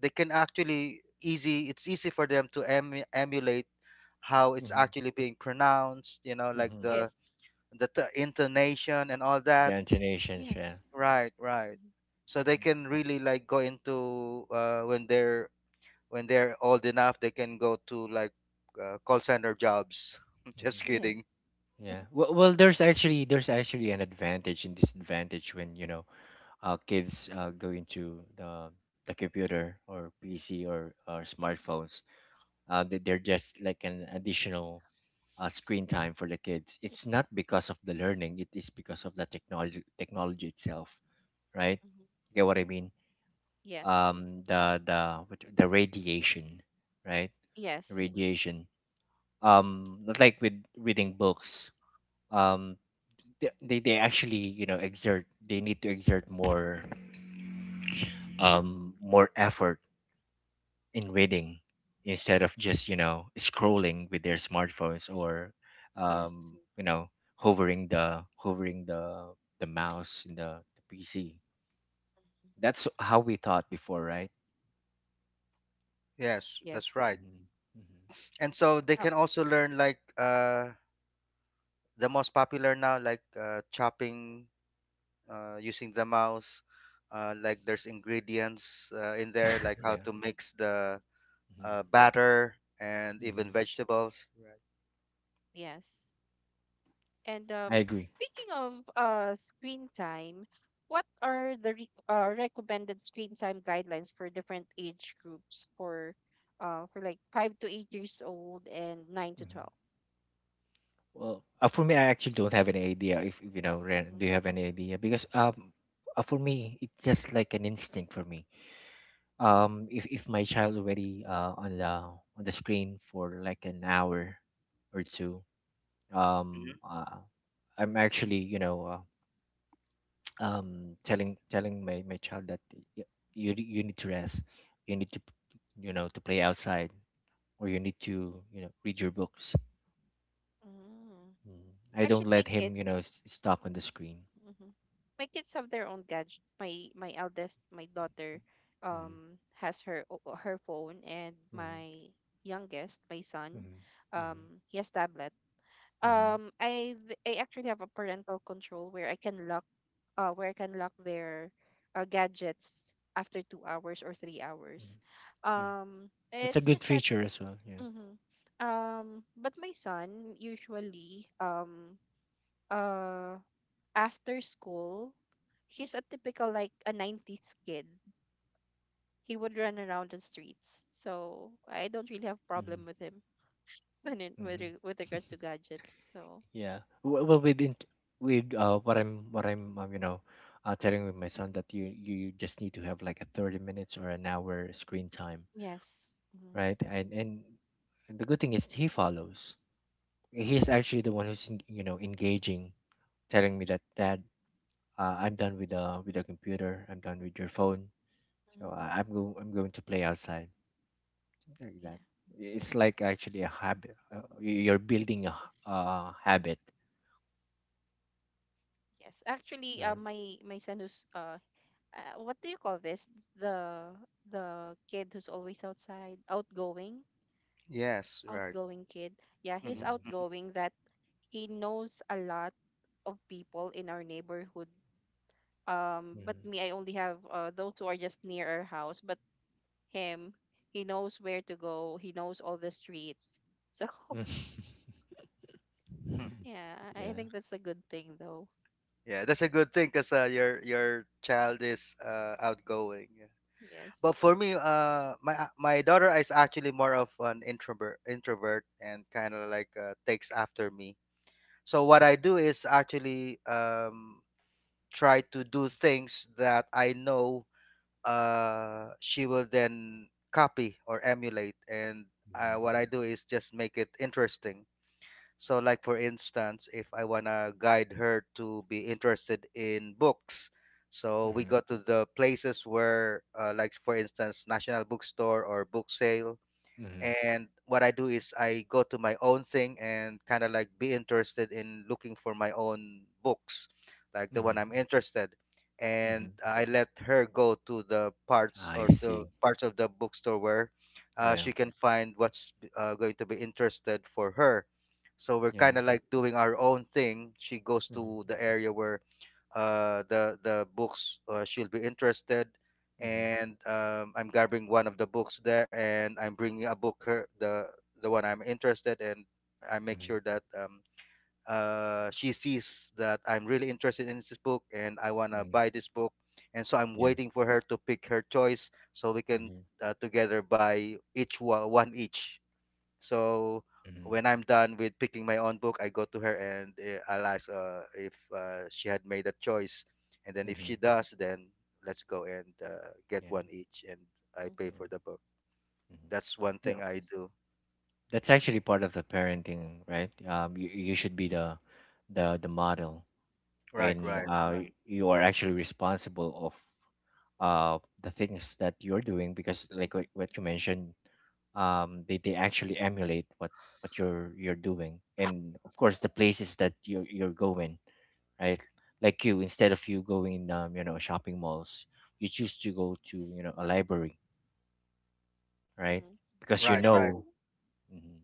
Speaker 2: they can actually easy it's easy for them to emulate how it's
Speaker 3: Mhm.
Speaker 2: actually being pronounced, like
Speaker 3: Mhm.
Speaker 1: Yes.
Speaker 2: the t intonation and all that.
Speaker 3: Destinations, yeah.
Speaker 1: Yes.
Speaker 2: Right, right.
Speaker 1: Mm-hmm.
Speaker 2: So they
Speaker 3: Mhm.
Speaker 2: can really like go into when they're old enough, they can go to like call center jobs. [LAUGHS]
Speaker 3: Mhm.
Speaker 2: Just kidding.
Speaker 1: Yes.
Speaker 3: Yeah. Well, well, there's actually an advantage and disadvantage when, you know, kids go into the computer or PC or smartphones. Uh, they're just like an additional screen time for the kids. It's not because of the learning, it is because of the technology technology itself, right?
Speaker 1: Mm-hmm.
Speaker 3: You get what I mean?
Speaker 1: Yes.
Speaker 3: Um, the what you- the radiation, right?
Speaker 1: Yes.
Speaker 3: Radiation. Um, not like with reading books, um, they actually you know exert they need to exert more more effort in reading instead of just you know scrolling with their smartphones or,
Speaker 1: Yes.
Speaker 3: you know, hovering the mouse in the PC.
Speaker 1: Mhm.
Speaker 3: That's how we thought before, right?
Speaker 2: Yes, that's
Speaker 1: Yes.
Speaker 2: right.
Speaker 3: Hmm.
Speaker 2: And so they
Speaker 1: Oh,
Speaker 2: can also learn like the most popular now, like chopping using the mouse. Like there's ingredients in there,
Speaker 3: [LAUGHS]
Speaker 2: like how
Speaker 3: Yeah.
Speaker 2: to mix the
Speaker 3: Hmm.
Speaker 2: batter and even
Speaker 3: Hmm.
Speaker 2: vegetables. Right.
Speaker 1: yes. And
Speaker 3: I agree.
Speaker 1: speaking of screen time, what are the re recommended screen time guidelines for different age groups for like 5 to 8 years old and nine to 12?
Speaker 3: Hmm. Well, for me, I actually don't have any idea. If you know, Ren,
Speaker 1: Mm-hmm.
Speaker 3: do you have any idea? Because for me, it's just like an instinct for me. Um, if my child already on the screen for like an hour or two, um,
Speaker 2: Mhm.
Speaker 3: I'm actually you know [TSK] telling my child that y- you you need to rest, you need to you know to play outside, or you need to you know read your books.
Speaker 1: Mm.
Speaker 3: Mm. I don't
Speaker 1: Actually, my
Speaker 3: let him you know
Speaker 1: kids,
Speaker 3: stuck on the screen.
Speaker 1: hmm, my kids have their own gadgets. My eldest, my daughter,
Speaker 3: Mm.
Speaker 1: has her phone, and
Speaker 3: Mm.
Speaker 1: my youngest, my son,
Speaker 3: Mm. Mm.
Speaker 1: he has tablet.
Speaker 3: Mm.
Speaker 1: I I actually have a parental control where I can lock where I can lock their gadgets after 2 hours or three
Speaker 3: Mm.
Speaker 1: hours.
Speaker 3: Yeah. That's a
Speaker 1: It's
Speaker 3: good
Speaker 1: just that.
Speaker 3: feature as well, yeah.
Speaker 1: Hmm. But my son usually uh after school, he's a typical like a 90s kid. He would run around the streets. So I don't really have problem with
Speaker 3: Mm.
Speaker 1: him [LAUGHS] when
Speaker 3: Mm-hmm.
Speaker 1: with regards to
Speaker 3: [LAUGHS]
Speaker 1: gadgets. So
Speaker 3: Yeah. Well, well with with what I'm you know, telling with my son that you just need to have like a 30 minutes or an hour screen time,
Speaker 1: yes. Hmm.
Speaker 3: right? And the good thing is he follows. He's
Speaker 1: Yes.
Speaker 3: actually the one who's you know engaging, telling me that Dad, I'm done with the computer, I'm done with your phone. So
Speaker 1: Hmm.
Speaker 3: I'm going to play outside. Something like
Speaker 1: Yeah.
Speaker 3: that. It's like actually a habit. You're building a
Speaker 1: Yes.
Speaker 3: habit.
Speaker 1: Yes. Actually,
Speaker 3: Yeah.
Speaker 1: my my son who's uh, what do you call this? The the kid who's always outside, outgoing,
Speaker 2: Yes, right.
Speaker 1: outgoing kid. Yeah, he's
Speaker 3: Mm,
Speaker 2: Hmm.
Speaker 1: outgoing that he knows a lot of people in our neighborhood. But
Speaker 3: mm.
Speaker 1: me, I only have those who are just near our house. But him, he knows where to go. He knows all the streets. So [LAUGHS]
Speaker 3: Mm. [LAUGHS]
Speaker 1: yeah, I
Speaker 3: Yeah.
Speaker 1: think that's a good thing, though.
Speaker 2: Yeah, that's a good thing because your child is outgoing. Yeah.
Speaker 1: Yes.
Speaker 2: But for me, my daughter is actually more of an introvert, and kind of like takes after me. So what I do is actually, try to do things that I know she will then copy or emulate, and
Speaker 3: Yeah.
Speaker 2: what I do is just make it interesting. So, like for instance, if I wanna guide her to be interested in books, so we
Speaker 3: Mm-hmm.
Speaker 2: go to the places where, like for instance, National Bookstore or book sale.
Speaker 3: Mm-hmm.
Speaker 2: And what I do is I go to my own thing and kind of like be interested in looking for my own books, like the
Speaker 3: Mm-hmm.
Speaker 2: one I'm interested. And
Speaker 3: Mm-hmm.
Speaker 2: I let her go to the parts
Speaker 3: I
Speaker 2: or to
Speaker 3: see.
Speaker 2: parts of the bookstore where
Speaker 3: Yeah.
Speaker 2: she can find what's going to be interested for her. So we're
Speaker 3: Yeah.
Speaker 2: kind of like doing our own thing. She goes to
Speaker 3: Mm-hmm.
Speaker 2: the area where the books she'll be interested.
Speaker 3: Mm-hmm.
Speaker 2: And I'm grabbing one of the books there and I'm bringing a book her the one I'm interested. And I make
Speaker 3: Mm-hmm.
Speaker 2: sure that she sees that I'm really interested in this book and I want to
Speaker 3: Mm-hmm.
Speaker 2: buy this book, and so I'm
Speaker 3: Yeah.
Speaker 2: waiting for her to pick her choice so we can
Speaker 3: Mm-hmm.
Speaker 2: together buy each one, one each. So
Speaker 3: Mm-hmm.
Speaker 2: when I'm done with picking my own book, I go to her and I'll ask if she had made a choice, and then if
Speaker 3: Mm-hmm.
Speaker 2: she does, then let's go and get
Speaker 3: Yeah.
Speaker 2: one each, and I pay
Speaker 1: Hmm.
Speaker 3: Yeah.
Speaker 2: for the book.
Speaker 3: Mm-hmm.
Speaker 2: That's one thing
Speaker 3: Yeah.
Speaker 2: I
Speaker 1: Yes.
Speaker 2: do.
Speaker 3: That's actually part of the parenting, right? You should be the model,
Speaker 2: Right,
Speaker 3: and
Speaker 2: right,
Speaker 1: Yes.
Speaker 3: right, you are actually responsible of the things that you're doing because like
Speaker 1: Mhm.
Speaker 3: what you mentioned they actually emulate what what you're doing, and of course the places that you're going, right? Like you, instead of you going um, you know, shopping malls, you choose to go to, you know, a library, right?
Speaker 1: Mm-hmm.
Speaker 3: Because you
Speaker 1: You
Speaker 2: right,
Speaker 1: know what?
Speaker 2: right.
Speaker 3: know. Mhm.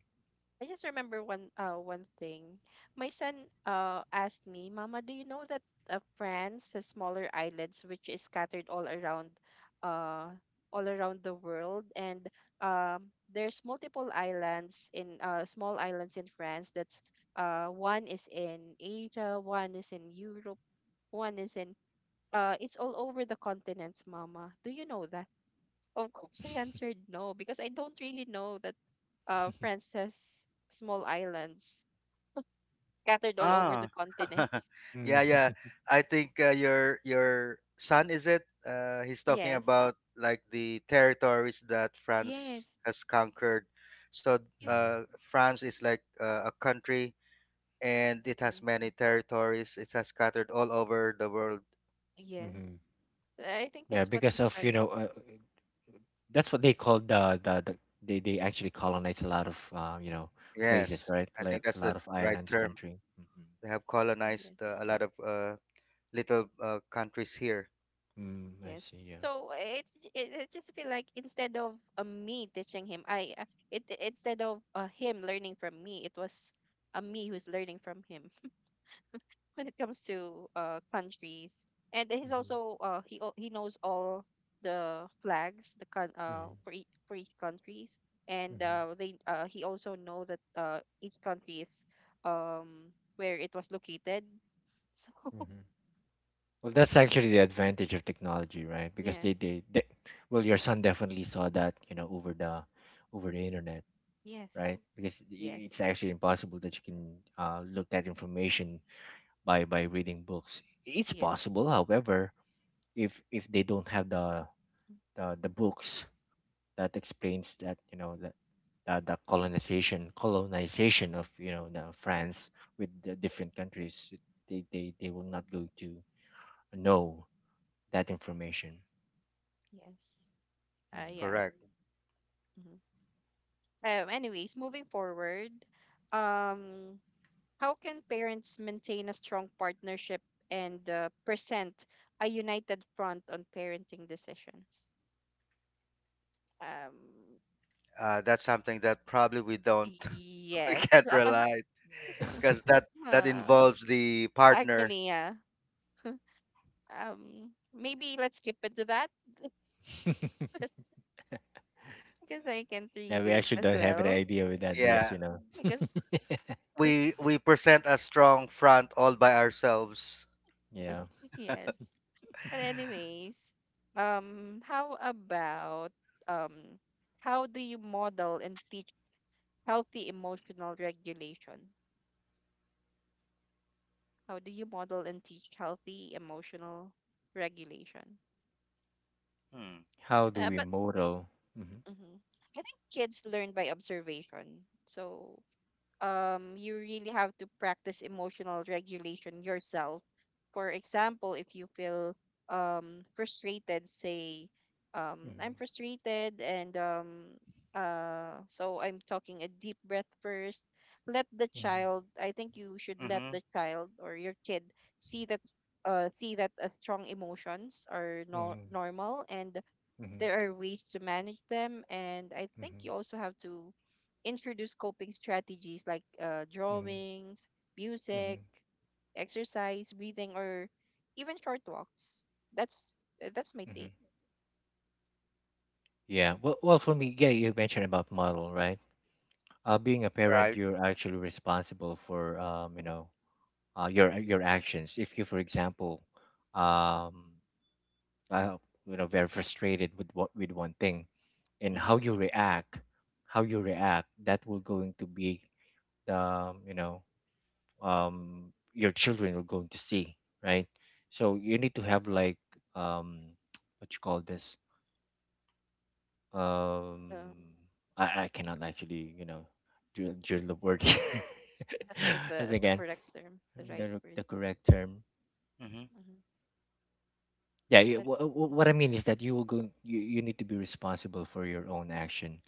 Speaker 1: I just remember one thing. My son asked me, "Mama, do you know that France has smaller islands which is scattered uh all around the world, and there's multiple islands in small islands in France that's uh, one is in Asia, one is in Europe, one is in it's all over the continents, Mama. Do you know that?" Of course, I answered no because I don't really know that princess small islands scattered all over the
Speaker 2: Ah, [LAUGHS]
Speaker 1: continents.
Speaker 2: yeah, yeah.
Speaker 3: [LAUGHS]
Speaker 2: I think your son is it? He's talking
Speaker 1: Yes,
Speaker 2: about like the territories that France
Speaker 1: yes,
Speaker 2: has conquered. So
Speaker 1: yes,
Speaker 2: France is like a country and it has
Speaker 1: mhm,
Speaker 2: many territories. It has scattered all over the world.
Speaker 1: yes.
Speaker 3: Mm-hmm.
Speaker 1: I think
Speaker 3: Yeah,
Speaker 1: that's what
Speaker 3: because
Speaker 1: he's
Speaker 3: of,
Speaker 1: trying
Speaker 3: you
Speaker 1: to.
Speaker 3: know, that's what they call the they actually colonize a lot of you know places,
Speaker 2: Yes,
Speaker 3: right?
Speaker 2: I
Speaker 3: Like
Speaker 2: think
Speaker 1: Mhm.
Speaker 3: a
Speaker 2: that's the
Speaker 3: lot of
Speaker 2: right
Speaker 3: islands
Speaker 2: term.
Speaker 3: country. Mm-hmm.
Speaker 2: They have colonized uh, a
Speaker 1: Yes,
Speaker 2: lot of uh, little countries here.
Speaker 3: Mm, I
Speaker 1: yes.
Speaker 3: see. Yeah.
Speaker 1: So it's it just feel like instead of me teaching him, instead of him learning from me, it was me who's learning from him, when it comes to countries. And he's
Speaker 3: Mm-hmm.
Speaker 1: also he knows all the flags,
Speaker 3: Mm-hmm.
Speaker 1: for each countries, and
Speaker 3: Mm-hmm.
Speaker 1: they he also know that each country is where it was located. [LAUGHS] So
Speaker 3: Mm-hmm. Well, that's actually the advantage of technology, right? Because they,
Speaker 1: yes,
Speaker 3: they they well, your son definitely saw that, you know, over the internet, right?
Speaker 1: yes,
Speaker 3: Because it's
Speaker 1: yes,
Speaker 3: actually impossible that you can look that information by reading books. It's possible,
Speaker 1: yes,
Speaker 3: however, if they don't have the
Speaker 1: mm,
Speaker 3: the books that explains that, you know, that the colonization of, you
Speaker 1: yes,
Speaker 3: know, the France with the different countries, they will not go to know that information.
Speaker 1: yes. Uh, yeah.
Speaker 3: Mm.
Speaker 2: Correct.
Speaker 1: Hmm. Anyways, moving forward, um, how can parents maintain a strong partnership and present a united front on parenting decisions? Um,
Speaker 2: That's something that probably we don't, [LAUGHS] we
Speaker 1: yes.
Speaker 2: can't
Speaker 1: [LAUGHS]
Speaker 2: rely because that
Speaker 1: Uh,
Speaker 2: involves the partner.
Speaker 1: actually, yeah. Maybe let's skip into that [LAUGHS]
Speaker 3: [LAUGHS]
Speaker 1: because I can't
Speaker 3: Yeah, we
Speaker 1: relate
Speaker 3: actually
Speaker 1: as
Speaker 3: don't have an
Speaker 1: well.
Speaker 3: idea with that because
Speaker 2: Yeah,
Speaker 3: you know.
Speaker 1: Because,
Speaker 3: [LAUGHS]
Speaker 2: we present a strong front all by ourselves.
Speaker 3: Yeah,
Speaker 1: yes. But anyways, how about um, how do you model and teach healthy emotional regulation? How do you model and teach healthy emotional regulation?
Speaker 2: Hmm.
Speaker 3: how do we
Speaker 1: But
Speaker 3: model? Hmm.
Speaker 1: mhm. I think kids learn by observation. So you really have to practice emotional regulation yourself. For example, if you feel frustrated, say, I'm frustrated, and so I'm talking a deep breath first. Let the child, I think you should let
Speaker 2: Mm-hmm.
Speaker 1: the child or your kid see that. See that strong emotions are normal and there are ways to manage them, and I think you also have to introduce coping strategies like drawings, music, exercise, breathing, or even short walks. That's that's my take.
Speaker 3: Yeah, well well for me, yeah, you mentioned about model, right? Being a parent,
Speaker 2: Right.
Speaker 3: you're actually responsible for you know, your actions. If you, for example, um, uh, you know, very frustrated with what with one thing, and
Speaker 2: Mm-hmm.
Speaker 3: how you react, that will going to be the, you know, your children are going to see, right? So you need to have like um, [TSK] what you call this? Um,
Speaker 1: Um,
Speaker 3: I cannot actually, you know, drill the word here. [LAUGHS] As
Speaker 1: the
Speaker 3: again,
Speaker 1: correct term, the right word.
Speaker 3: the correct term.
Speaker 2: Mm-hmm.
Speaker 1: Hmm.
Speaker 3: Yeah, you,
Speaker 1: But
Speaker 3: what I mean is that you will go. You need to be responsible for your own action,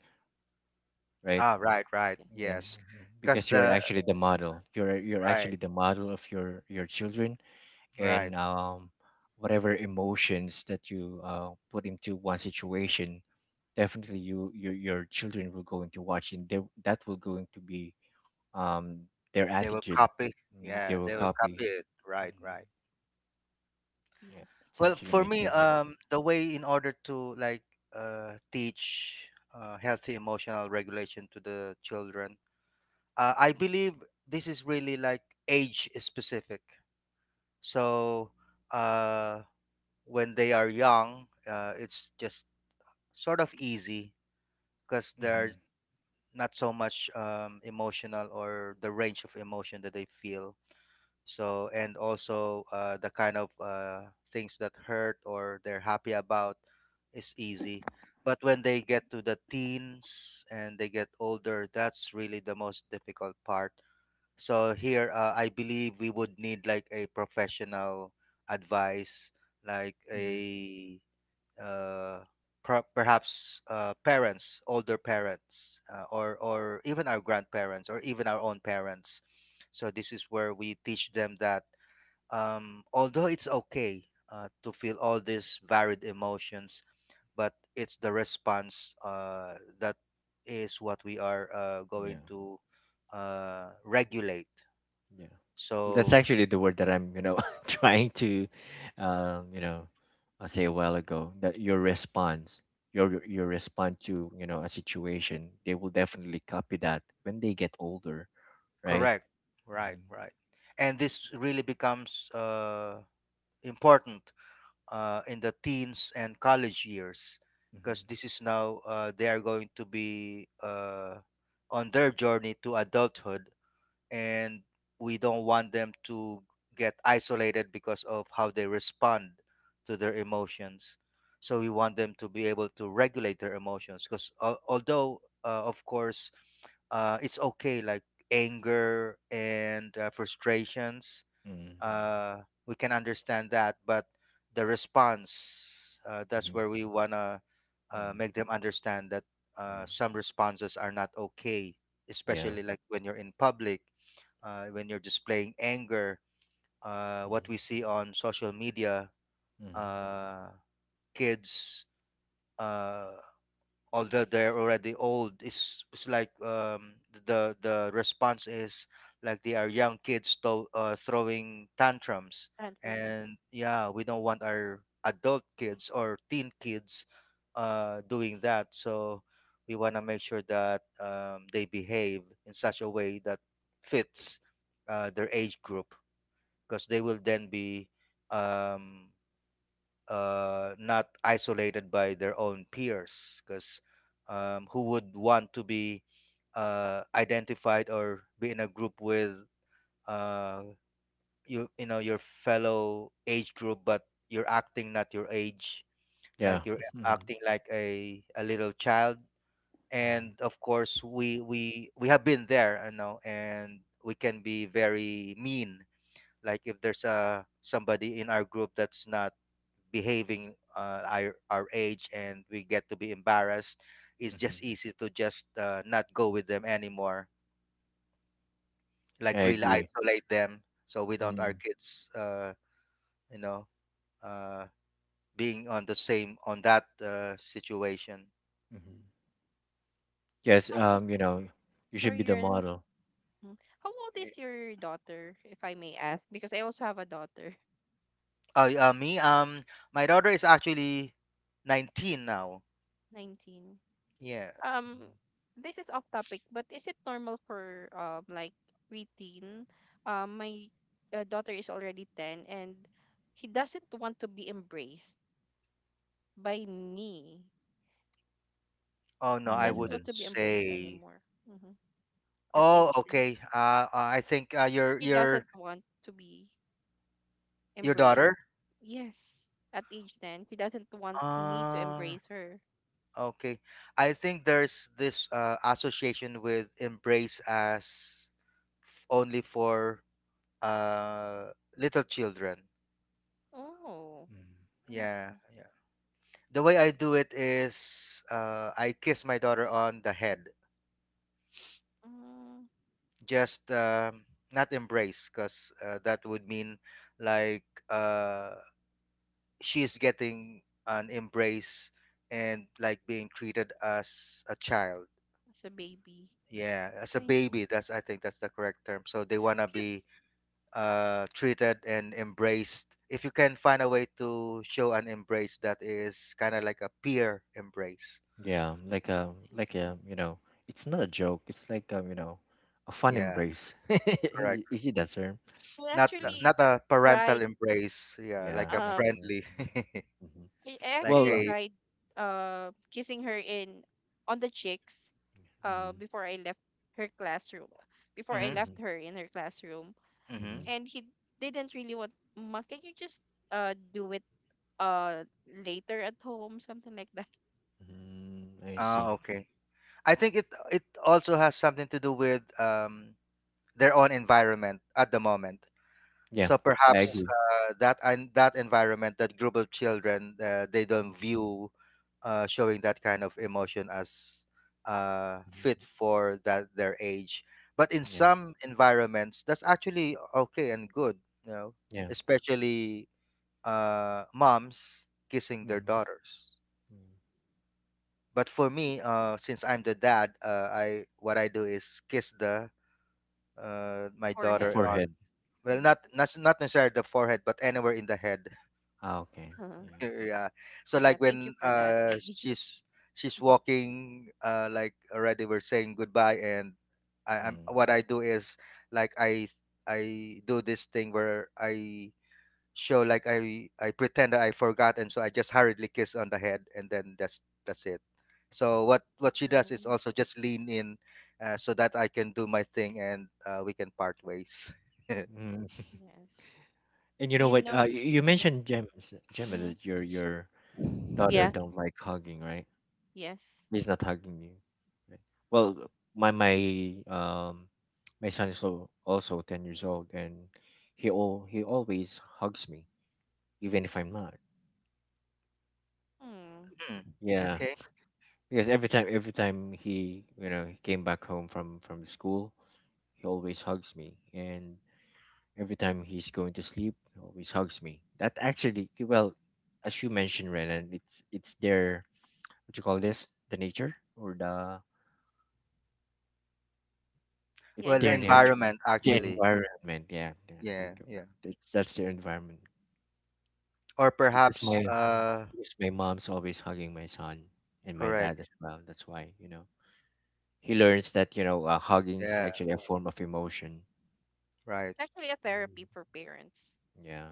Speaker 3: right?
Speaker 2: Ah, right, right.
Speaker 3: Yeah,
Speaker 1: yes,
Speaker 2: Yes,
Speaker 3: mhm.
Speaker 2: because
Speaker 3: Because you're
Speaker 2: the
Speaker 3: actually the model. You're
Speaker 2: right,
Speaker 3: actually the model of your children, and
Speaker 2: right.
Speaker 3: whatever emotions that you put into one situation, definitely you your children will going to watch, and they, that will going to be um their
Speaker 2: They will
Speaker 3: attitude.
Speaker 2: copy.
Speaker 3: Mm, they
Speaker 2: Yeah,
Speaker 3: will
Speaker 2: they will copy
Speaker 3: copy.
Speaker 2: it. Right,
Speaker 3: Mhm.
Speaker 2: right.
Speaker 3: Yeah,
Speaker 1: yes,
Speaker 3: that's
Speaker 2: Well,
Speaker 3: actually
Speaker 2: for
Speaker 3: my
Speaker 2: me,
Speaker 3: take.
Speaker 2: the way in order to like teach healthy emotional regulation to the children, I believe this is really like age specific. So uh, when they are young, it's just sort of easy because they're
Speaker 3: Mm-hmm.
Speaker 2: not so much emotional or the range of emotion that they feel. So and also the kind of things that hurt or they're happy about is easy, but when they get to the teens and they get older, that's really the most difficult part. So here I believe we would need like a professional advice, like
Speaker 3: Hmm.
Speaker 2: a uh, perhaps parents, older parents, or even our grandparents, or even our own parents. So this is where we teach them that although it's okay to feel all these varied emotions, but it's the response that is what we are going
Speaker 3: Yeah.
Speaker 2: to regulate.
Speaker 3: Yeah. Well, that's
Speaker 2: So
Speaker 3: actually the word that I'm, you know, [LAUGHS] trying to um, you know, I say a while ago that your response, your response to, you know, a situation, they will definitely copy that when they get older, right?
Speaker 2: correct, right,
Speaker 3: Mm-hmm.
Speaker 2: right, and this really becomes important in the teens and college years,
Speaker 3: Mm-hmm.
Speaker 2: because this is now they are going to be on their journey to adulthood. And we don't want them to get isolated because of how they respond to their emotions. So we want them to be able to regulate their emotions because although of course it's okay like anger and frustrations, uh, we can understand that, but the response, that's
Speaker 3: Mm-hmm.
Speaker 2: where we want to
Speaker 3: Mm-hmm.
Speaker 2: make them understand that
Speaker 3: Yeah.
Speaker 2: some responses are not okay,
Speaker 3: Yeah.
Speaker 2: especially like when you're in public, when you're displaying anger. What
Speaker 3: Mm-hmm.
Speaker 2: we see on social media,
Speaker 3: Mm-hmm.
Speaker 2: uh, kids. Uh, Although they're already old, it's like the response is like they are young kids to, throwing tantrums.
Speaker 1: tantrums.
Speaker 2: And yeah, we don't want our adult kids or teen kids doing that. So we want to make sure that they behave in such a way that fits their age group, because they will then be um, not isolated by their own peers, because who would want to be identified or be in a group with uh, you know your fellow age group, but you're acting not your age,
Speaker 3: Yeah.
Speaker 2: like you're
Speaker 3: [LAUGHS] Mm-hmm.
Speaker 2: acting like a little child. And of course we have been there, you know, and we can be very mean. Like if there's a somebody in our group that's not behaving our age and we get to be embarrassed, it's just
Speaker 3: Mm-hmm.
Speaker 2: easy to just not go with them anymore,
Speaker 3: I
Speaker 2: like really
Speaker 3: agree.
Speaker 2: isolate them. So we don't our
Speaker 3: Mm.
Speaker 2: kids you know uh, being on the same on that situation.
Speaker 3: Hmm. Yes,
Speaker 1: How was-
Speaker 3: you know, you should
Speaker 1: sorry,
Speaker 3: be the
Speaker 1: Ren.
Speaker 3: model.
Speaker 1: Mm. How old
Speaker 3: Y-
Speaker 1: is your daughter, if I may ask? Because I also have a daughter.
Speaker 2: Oh me, my daughter is actually 19 now,
Speaker 1: [LAUGHS] 19
Speaker 2: yeah.
Speaker 1: Um, this is off topic, but is it normal for like preteen? My daughter is already ten, and he doesn't want to be embraced by me.
Speaker 2: Oh no,
Speaker 1: He
Speaker 2: I
Speaker 1: doesn't
Speaker 2: wouldn't
Speaker 1: want
Speaker 3: Mm.
Speaker 1: to be embraced
Speaker 2: say.
Speaker 1: anymore. Hmm. At
Speaker 2: Oh,
Speaker 1: age ten,
Speaker 2: okay, uh, uh, i think uh, your
Speaker 1: he
Speaker 2: your
Speaker 1: doesn't want to be
Speaker 2: your
Speaker 1: embraced.
Speaker 2: daughter
Speaker 1: Yes, at age ten, he doesn't want me to
Speaker 2: uh
Speaker 1: embrace her.
Speaker 2: Okay. I think there's this association with embrace as only for uh, little children.
Speaker 1: Oh,
Speaker 3: Mm-hmm.
Speaker 1: I
Speaker 2: Yeah,
Speaker 1: see.
Speaker 2: yeah. The way I do it is I kiss my daughter on the head,
Speaker 1: Mm,
Speaker 2: just not embrace, because that would mean like uh, she's getting an embrace and like being treated as a child.
Speaker 1: as a baby,
Speaker 2: Yeah, as a
Speaker 1: I see.
Speaker 2: baby. That's, I think that's the correct term. So they wanna
Speaker 1: Because
Speaker 2: be treated and embraced. If you can find a way to show an embrace that is kind of like a peer embrace.
Speaker 3: Yeah, like a
Speaker 1: I
Speaker 3: like
Speaker 1: see.
Speaker 3: a, you know, it's not a joke. It's like you know, a fun
Speaker 2: Yeah,
Speaker 3: embrace. [LAUGHS]
Speaker 2: correct.
Speaker 3: Is it that term?
Speaker 1: I
Speaker 2: Not
Speaker 3: Yeah,
Speaker 1: actually
Speaker 2: not a parental
Speaker 1: tried
Speaker 2: embrace. Yeah,
Speaker 3: yeah,
Speaker 2: like a
Speaker 3: not
Speaker 1: um
Speaker 3: a brand.
Speaker 2: friendly, [LAUGHS]
Speaker 3: Mm-hmm.
Speaker 1: I
Speaker 2: like
Speaker 1: actually
Speaker 3: Well,
Speaker 2: a.
Speaker 1: tried kissing her in on the cheeks uh
Speaker 3: mm-hmm,
Speaker 1: before I left her classroom before I
Speaker 2: Mm-hmm,
Speaker 3: mm-hmm,
Speaker 1: left her in her classroom,
Speaker 2: mm-hmm.
Speaker 1: and he didn't really want. Ma, can you just do it uh later at home, something like that.
Speaker 3: mm-hmm, I see.
Speaker 2: Ah, okay. I think it it also has something to do with their own environment at the moment.
Speaker 3: Yeah,
Speaker 2: So
Speaker 3: I
Speaker 2: perhaps
Speaker 3: agree.
Speaker 2: that and that environment, that group of children, they don't
Speaker 3: Mm-hmm.
Speaker 2: view showing that kind of emotion as fit for that their age. But in
Speaker 3: Yeah,
Speaker 2: some environments, that's actually okay and good, you know,
Speaker 3: yeah.
Speaker 2: especially moms kissing their
Speaker 3: Mm-hmm.
Speaker 2: daughters. But for me, since I'm the dad, I what I do is kiss the my
Speaker 1: [LAUGHS]
Speaker 3: The
Speaker 2: daughter
Speaker 1: Forehead.
Speaker 2: on,
Speaker 3: forehead.
Speaker 2: well,
Speaker 1: Hmm.
Speaker 2: not not not necessarily the forehead, but anywhere in the head,
Speaker 3: Ah, okay.
Speaker 1: Uh-huh.
Speaker 3: Yeah.
Speaker 2: yeah. So
Speaker 1: Yeah,
Speaker 2: like
Speaker 1: thank you
Speaker 2: when
Speaker 1: for that, maybe. [LAUGHS]
Speaker 2: she's
Speaker 1: Mhm.
Speaker 2: walking like already we're saying goodbye, and I, I'm what I do is like I do this thing where I show like I pretend that I forgot, and so I just hurriedly kiss on the head and then that's it. So what she does is
Speaker 1: Mm,
Speaker 2: also just lean in so that I can do my thing and we can part ways. [LAUGHS]
Speaker 3: Mm-hmm. [LAUGHS]
Speaker 1: yes.
Speaker 3: And you know
Speaker 1: You
Speaker 3: what?
Speaker 1: know.
Speaker 3: You
Speaker 1: Uh-huh.
Speaker 3: mentioned Gems, Gemma,
Speaker 1: Uh-huh.
Speaker 3: that your daughter
Speaker 1: Yeah.
Speaker 3: don't like hugging, right?
Speaker 1: Yes.
Speaker 3: He's not hugging you. Right? Well, my um my son is also 10 years old, and he all he always hugs me, even if I'm not.
Speaker 1: Hmm.
Speaker 2: Hmm.
Speaker 3: Yeah,
Speaker 2: Okay.
Speaker 3: because every time he, you know, he came back home from school, he always hugs me, and every time he's going to sleep, he always hugs me. That actually, well, as you mentioned, Renan, it's their what you call this, the nature or the
Speaker 1: Yeah,
Speaker 3: it's
Speaker 2: Well, the
Speaker 3: their
Speaker 1: environment.
Speaker 3: nature,
Speaker 2: environment
Speaker 3: the
Speaker 2: actually.
Speaker 3: environment. Yeah, yeah, there you
Speaker 2: Yeah,
Speaker 3: go.
Speaker 2: yeah.
Speaker 3: That's their environment.
Speaker 2: Or
Speaker 3: Because
Speaker 2: perhaps
Speaker 3: my because my mom's always hugging my son and my
Speaker 2: correct.
Speaker 3: dad as well, that's why, you know, he learns that, you know, hugging is
Speaker 2: Yeah,
Speaker 3: actually a form of emotion.
Speaker 2: right.
Speaker 1: It's actually a therapy
Speaker 3: Mhm.
Speaker 1: for parents.
Speaker 3: Yeah.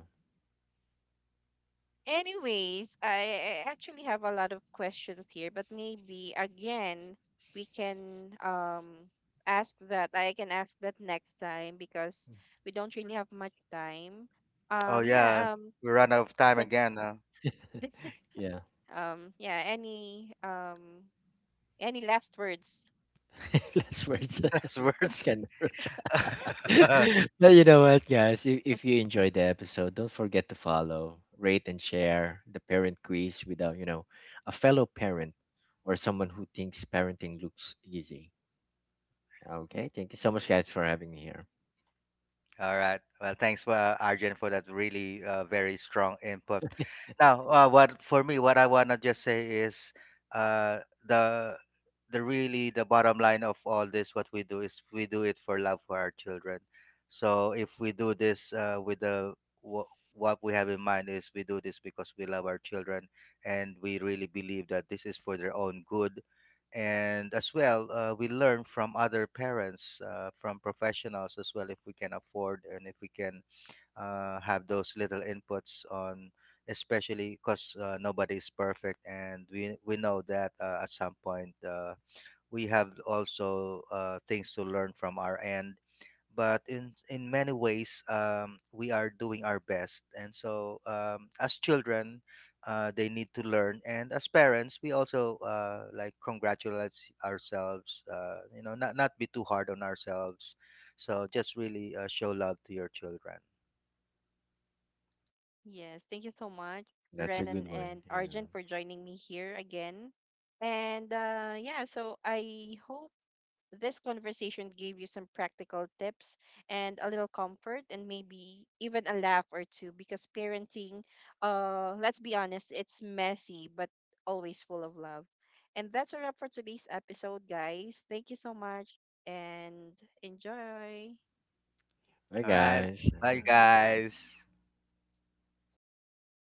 Speaker 1: Anyways, I actually have a lot of questions here, but maybe again we can ask that I can ask that next time because we don't really have much time.
Speaker 2: Oh
Speaker 1: Um,
Speaker 2: yeah.
Speaker 1: yeah, um,
Speaker 2: We run out of time again, huh?
Speaker 1: this is
Speaker 3: Yeah.
Speaker 1: um, yeah, any last words?
Speaker 3: [LAUGHS] Last words.
Speaker 2: [LAUGHS] That's
Speaker 3: [LAUGHS] That's
Speaker 2: words.
Speaker 3: kind of
Speaker 2: [LAUGHS]
Speaker 3: rude. [LAUGHS] But you know what, guys? If you enjoyed the episode, don't forget to follow, rate, and share the parent quiz with a, you know, a fellow parent or someone who thinks parenting looks easy. Okay, thank you so much, guys, for having me here.
Speaker 2: All right. Well, thanks, Arjun, for that really very strong input. Now, what for me, what I wanna just say is uh, the the really the bottom line of all this, what we do is we do it for love for our children. So if we do this with the wha what we have in mind is we do this because we love our children, and we really believe that this is for their own good. And as well we learn from other parents from professionals as well, if we can afford and if we can have those little inputs on, especially because nobody is perfect and we know that at some point we have also things to learn from our end. But in many ways, we are doing our best, and so as children, they need to learn, and as parents we also like congratulate ourselves, you know, not not be too hard on ourselves. So just really show love to your children.
Speaker 1: Yes, thank you so much,
Speaker 3: That's a
Speaker 1: Renan
Speaker 3: good one.
Speaker 1: and
Speaker 3: Yeah.
Speaker 1: Arjun, for joining me here again. And yeah, so I hope this conversation gave you some practical tips and a little comfort and maybe even a laugh or two because parenting, let's be honest, it's messy but always full of love. And that's a wrap for today's episode, guys. Thank you so much and enjoy.
Speaker 3: Bye,
Speaker 2: All right,
Speaker 3: guys.
Speaker 2: bye
Speaker 1: Bye.
Speaker 2: guys.